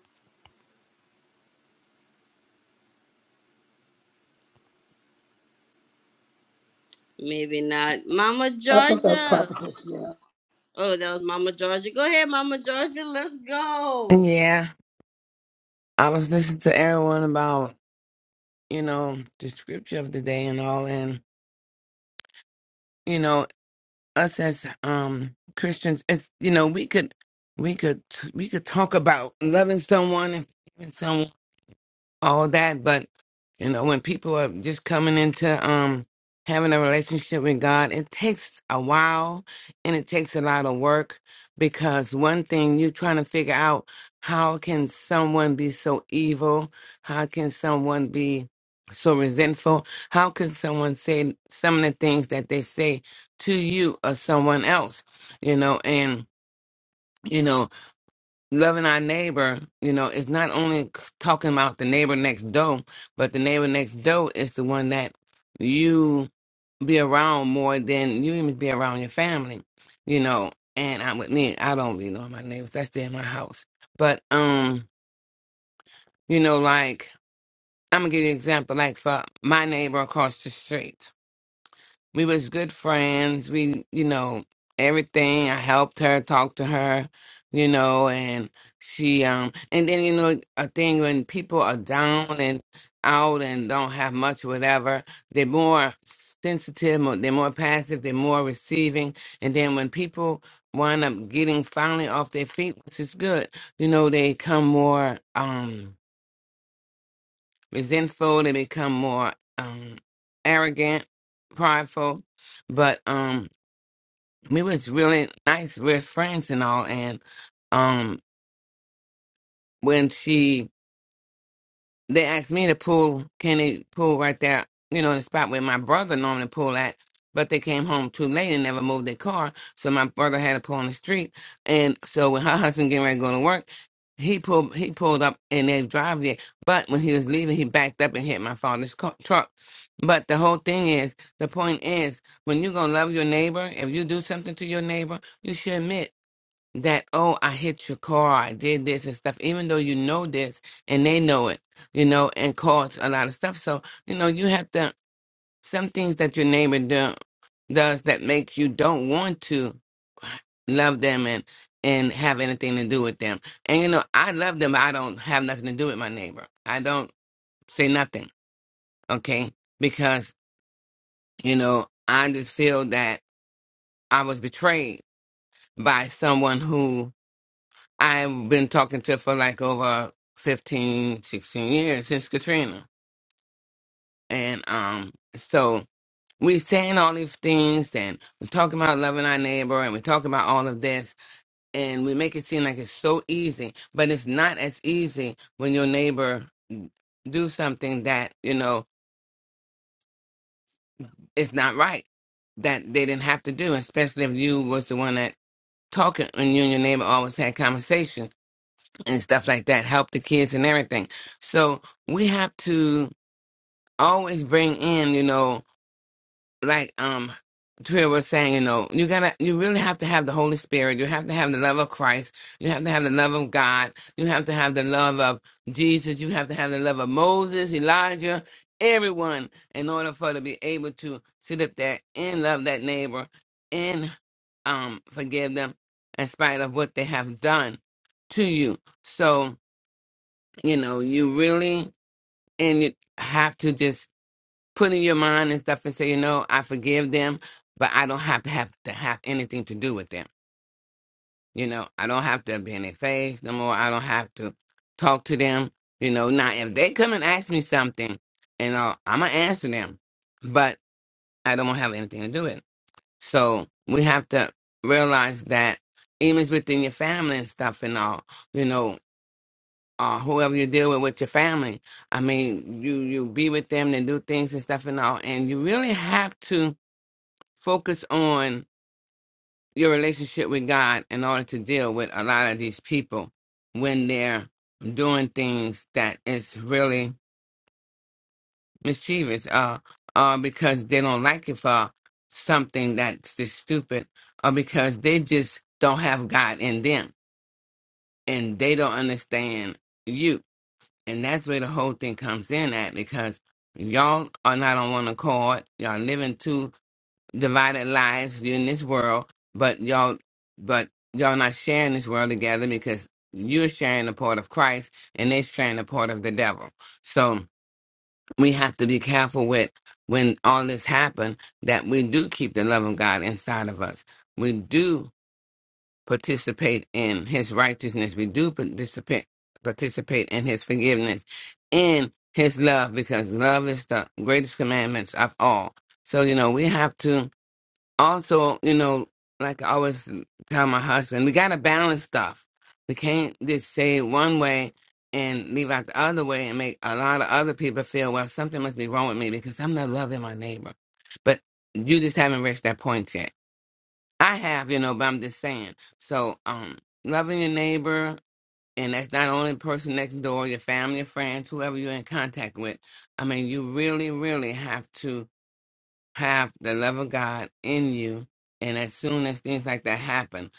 Maybe not. Mama I think that's Georgia. prophetess. Yeah. Oh, that was Mama Georgia. Go ahead, Mama Georgia. Let's go. Yeah, I was listening to everyone about you know the scripture of the day and all, and you know us as um Christians, it's you know we could we could we could talk about loving someone and forgiving someone all that but you know when people are just coming into um having a relationship with god it takes a while and it takes a lot of work because one thing you're trying to figure out how can someone be so evil how can someone be so resentful how can someone say some of the things that they say to you or someone else you know and you know loving our neighbor, you know, it's not only c- talking about the neighbor next door, but the neighbor next door is the one that you be around more than you even be around your family, you know. And I with me, I don't really know my neighbors. That's there in my house, but um, you know, like I'm gonna give you an example. Like for my neighbor across the street, we was good friends. We, you know, everything. I helped her, talked to her, you know, and she um and then you know a thing when people are down and out and don't have much whatever, they're more sensitive, more, they're more passive, they're more receiving. And then when people wind up getting finally off their feet, which is good, you know, they come more um resentful, they become more um arrogant, prideful. But um we was really nice. We're friends and all. And um, when she they asked me to pool, can they pool right there? You know, the spot where my brother normally pool at. But they came home too late and never moved their car, so my brother had to pull on the street. And so when her husband getting ready to go to work, he pulled he pulled up in their driveway. But when he was leaving, he backed up and hit my father's car, truck. But the whole thing is, the point is, when you gonna love your neighbor, if you do something to your neighbor, you should admit that oh i hit your car i did this and stuff even though you know this and they know it you know and cause a lot of stuff so you know you have to some things that your neighbor do, does that makes you don't want to love them and and have anything to do with them and you know i love them but i don't have nothing to do with my neighbor i don't say nothing okay because you know i just feel that i was betrayed by someone who. I've been talking to for like over 15, 16 years since Katrina. And um, so we saying all these things and we're talking about loving our neighbor and we're talking about all of this and we make it seem like it's so easy, but it's not as easy when your neighbor do something that, you know, is not right that they didn't have to do, especially if you was the one that talking and you and your neighbor always had conversations and stuff like that, help the kids and everything. So we have to always bring in, you know, like um Tria was saying, you know, you gotta you really have to have the Holy Spirit, you have to have the love of Christ, you have to have the love of God, you have to have the love of Jesus, you have to have the love of Moses, Elijah, everyone in order for to be able to sit up there and love that neighbor and um forgive them in spite of what they have done to you. So you know, you really and you have to just put in your mind and stuff and say, you know, I forgive them, but I don't have to have to have anything to do with them. You know, I don't have to be in their face no more. I don't have to talk to them. You know, now if they come and ask me something, you know, I'm gonna answer them, but I don't have anything to do with. It. So we have to realize that even within your family and stuff and all, you know. uh, whoever you deal with with your family. I mean, you you be with them and do things and stuff and all, and you really have to focus on your relationship with God in order to deal with a lot of these people when they're doing things that is really mischievous, uh, uh, because they don't like it for something that's just stupid, or because they just don't have God in them and they don't understand you And that's where the whole thing comes in at because y'all are not on one accord. Y'all living two divided lives in this world, but y'all but y'all not sharing this world together because you're sharing the part of Christ and they're sharing the part of the devil. So we have to be careful with when all this happened that we do keep the love of God inside of us. We do participate in his righteousness. We do participate participate in his forgiveness, in his love, because love is the greatest commandments of all. So, you know, we have to also, you know, like I always tell my husband, we gotta balance stuff. We can't just say one way and leave out the other way and make a lot of other people feel, well, something must be wrong with me because I'm not loving my neighbor. But you just haven't reached that point yet I have, you know, but I'm just saying. So, um, loving your neighbor, and that's not only the person next door, your family, your friends, whoever you're in contact with. I mean, you really, really have to have the love of God in you. And as soon as things like that happen,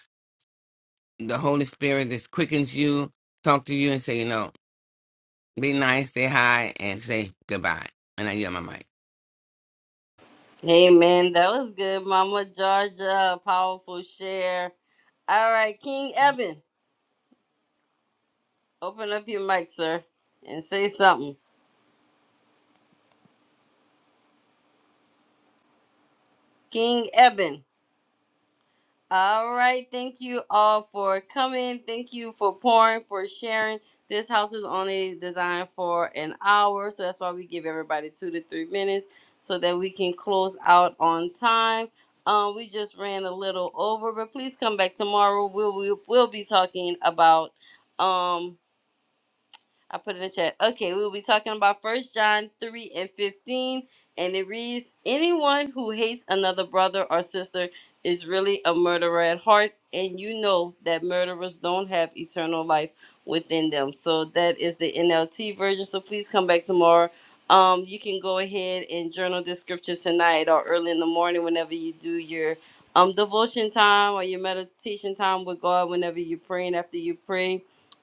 the Holy Spirit just quickens you, talk to you, and say, you know, be nice, say hi, and say goodbye. And I yell my mic, Hey, man, that was good. Mama Georgia, powerful share. All right, King Eben, open up your mic, sir, and say something. King Eben. All right. Thank you all for coming. Thank you for pouring, for sharing. This house is only designed for an hour, so that's why we give everybody two to three minutes so that we can close out on time. Um, we just ran a little over, but please come back tomorrow. We'll, we'll, we'll be talking about. Um, I put it in the chat. Okay, we'll be talking about First John 3 and 15. And it reads Anyone who hates another brother or sister is really a murderer at heart. And you know that murderers don't have eternal life within them. So that is the NLT version. So please come back tomorrow. Um, you can go ahead and journal this scripture tonight or early in the morning whenever you do your um devotion time or your meditation time with God, whenever you're praying after you pray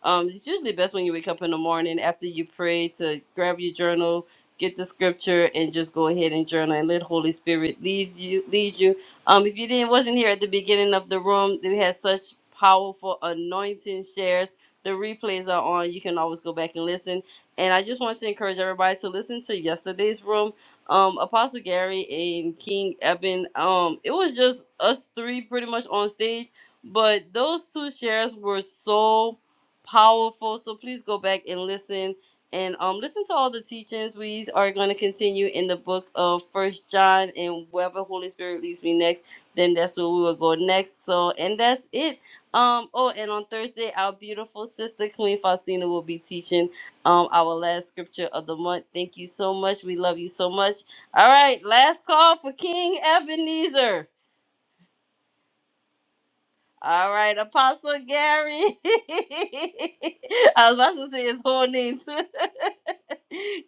um, it's usually best when you wake up in the morning after you pray to grab your journal, get the scripture, and just go ahead and journal and let Holy Spirit lead you. Lead you. Um, if you didn't wasn't here at the beginning of the room, we had such powerful anointing shares. The replays are on. You can always go back and listen. And I just want to encourage everybody to listen to yesterday's room. Um, Apostle Gary and King Eben. Um, it was just us three pretty much on stage, but those two shares were so powerful. So please go back and listen and um listen to all the teachings. We are going to continue in the book of First John, and wherever Holy Spirit leads me next, then that's where we will go next. So and that's it. Um, oh, and on Thursday, our beautiful sister Queen Faustina will be teaching um our last scripture of the month. Thank you so much. We love you so much. All right, last call for King Ebenezer. All right, Apostle Gary. I was about to say his whole name.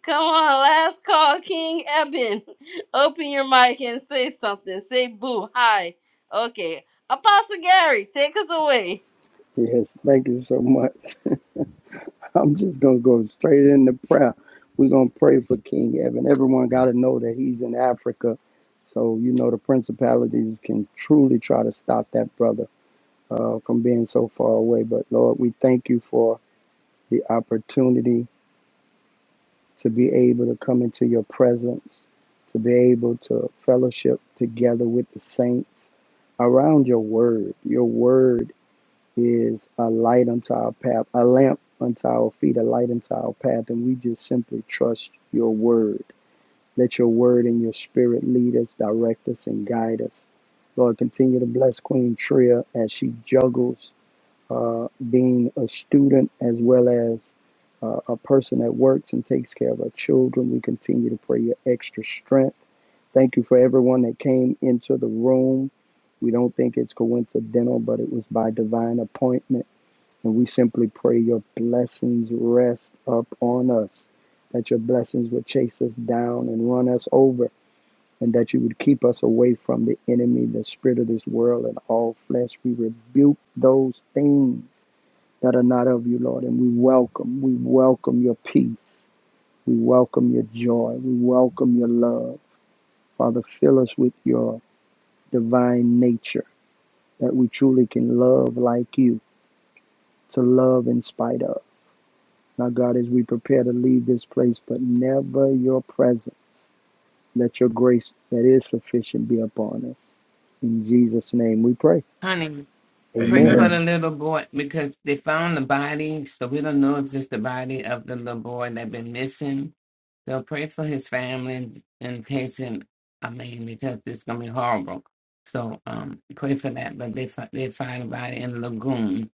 Come on, last call, King Eben. Open your mic and say something. Say boo. Hi. Okay. Apostle Gary, take us away. Yes, thank you so much. I'm just going to go straight into prayer. We're going to pray for King Evan. Everyone got to know that he's in Africa. So, you know, the principalities can truly try to stop that brother uh, from being so far away. But Lord, we thank you for the opportunity to be able to come into your presence, to be able to fellowship together with the saints around your word. Your word is a light unto our path, a lamp unto our feet, a light unto our path. And we just simply trust your word. Let your word and your spirit lead us, direct us, and guide us. Lord, continue to bless Queen Tria as she juggles uh, being a student as well as uh, a person that works and takes care of our children. We continue to pray your extra strength. Thank you for everyone that came into the room. We don't think it's coincidental, but it was by divine appointment. And we simply pray your blessings rest up on us, that your blessings would chase us down and run us over, and that you would keep us away from the enemy, the spirit of this world, and all flesh. We rebuke those things that are not of you, Lord. And we welcome, we welcome your peace. We welcome your joy. We welcome your love. Father, fill us with your divine nature that we truly can love like you, to love in spite of. Now, God, as we prepare to leave this place, but never your presence, let your grace that is sufficient be upon us. In Jesus' name we pray. honey. Pray Amen. for Amen. the little boy because they found the body, so we don't know if it's the body of the little boy that been missing. So pray for his family in case, and I mean, because it's gonna be horrible. So um, pray for that. But they fi- they find the body in the lagoon,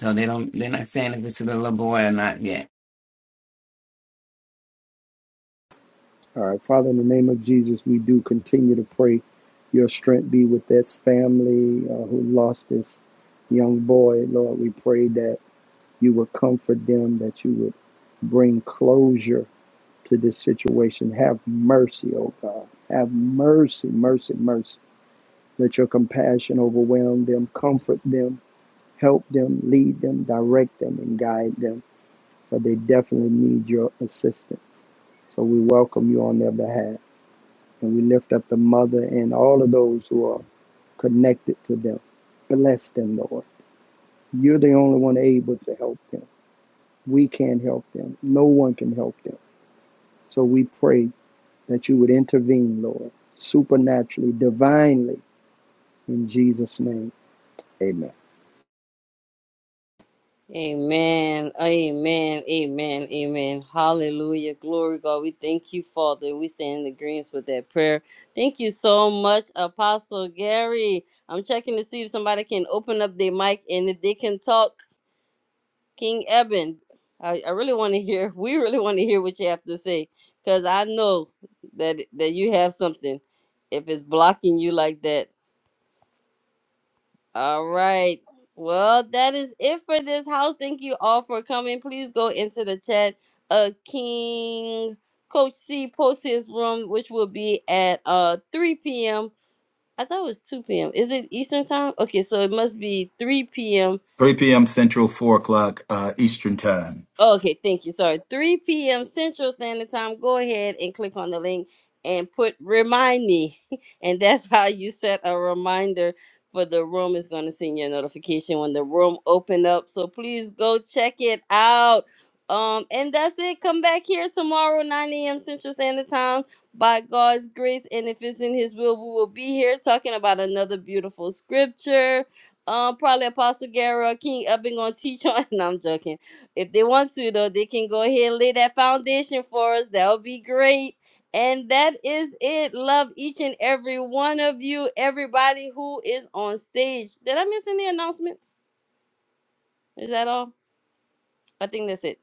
so they don't. They're not saying if it's the little boy or not yet. All right, Father, in the name of Jesus, we do continue to pray your strength be with this family uh, who lost this young boy. Lord, we pray that you would comfort them, that you would bring closure to this situation. Have mercy, oh God. Have mercy, mercy, mercy. Let your compassion overwhelm them, comfort them, help them, lead them, direct them, and guide them, for they definitely need your assistance. So we welcome you on their behalf. And we lift up the mother and all of those who are connected to them. Bless them, Lord. You're the only one able to help them. We can't help them. No one can help them. So we pray that you would intervene, Lord, supernaturally, divinely, in Jesus' name. Amen. Amen. Amen. Amen. Amen. Hallelujah. Glory God. We thank you, Father. We stand in agreement with that prayer. Thank you so much, Apostle Gary. I'm checking to see if somebody can open up their mic and if they can talk. King Eben, I, I really want to hear. We really want to hear what you have to say because I know that that you have something. If it's blocking you like that. All right. Well, that is it for this house. Thank you all for coming. Please go into the chat. Uh, King Coach C post his room, which will be at uh 3 p.m. I thought it was 2 p.m. Is it Eastern time? Okay, so it must be 3 p.m. 3 p.m. Central, 4 o'clock uh, Eastern Time. Okay, thank you. Sorry. 3 p.m. Central Standard Time. Go ahead and click on the link and put remind me. And that's how you set a reminder for the room. is going to send you a notification when the room open up. So please go check it out. Um, and that's it. Come back here tomorrow, 9 a.m. Central Standard Time. By God's grace, and if it's in His will, we will be here talking about another beautiful scripture. Um, probably Apostle Gary or King Epping gonna teach on. And I'm joking if they want to though they can go ahead and lay that foundation for us that would be great and that is it love each and every one of you everybody who is on stage did i miss any announcements is that all i think that's it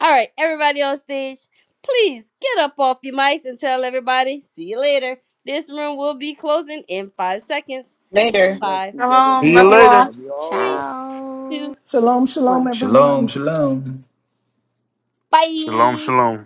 all right everybody on stage please get up off your mics and tell everybody see you later this room will be closing in five seconds Kingdom five blessings, See you everyone. four later. Love you all. three Ciao. two Shalom, shalom, one Shalom, everyone. shalom. Shalom, bye shalom.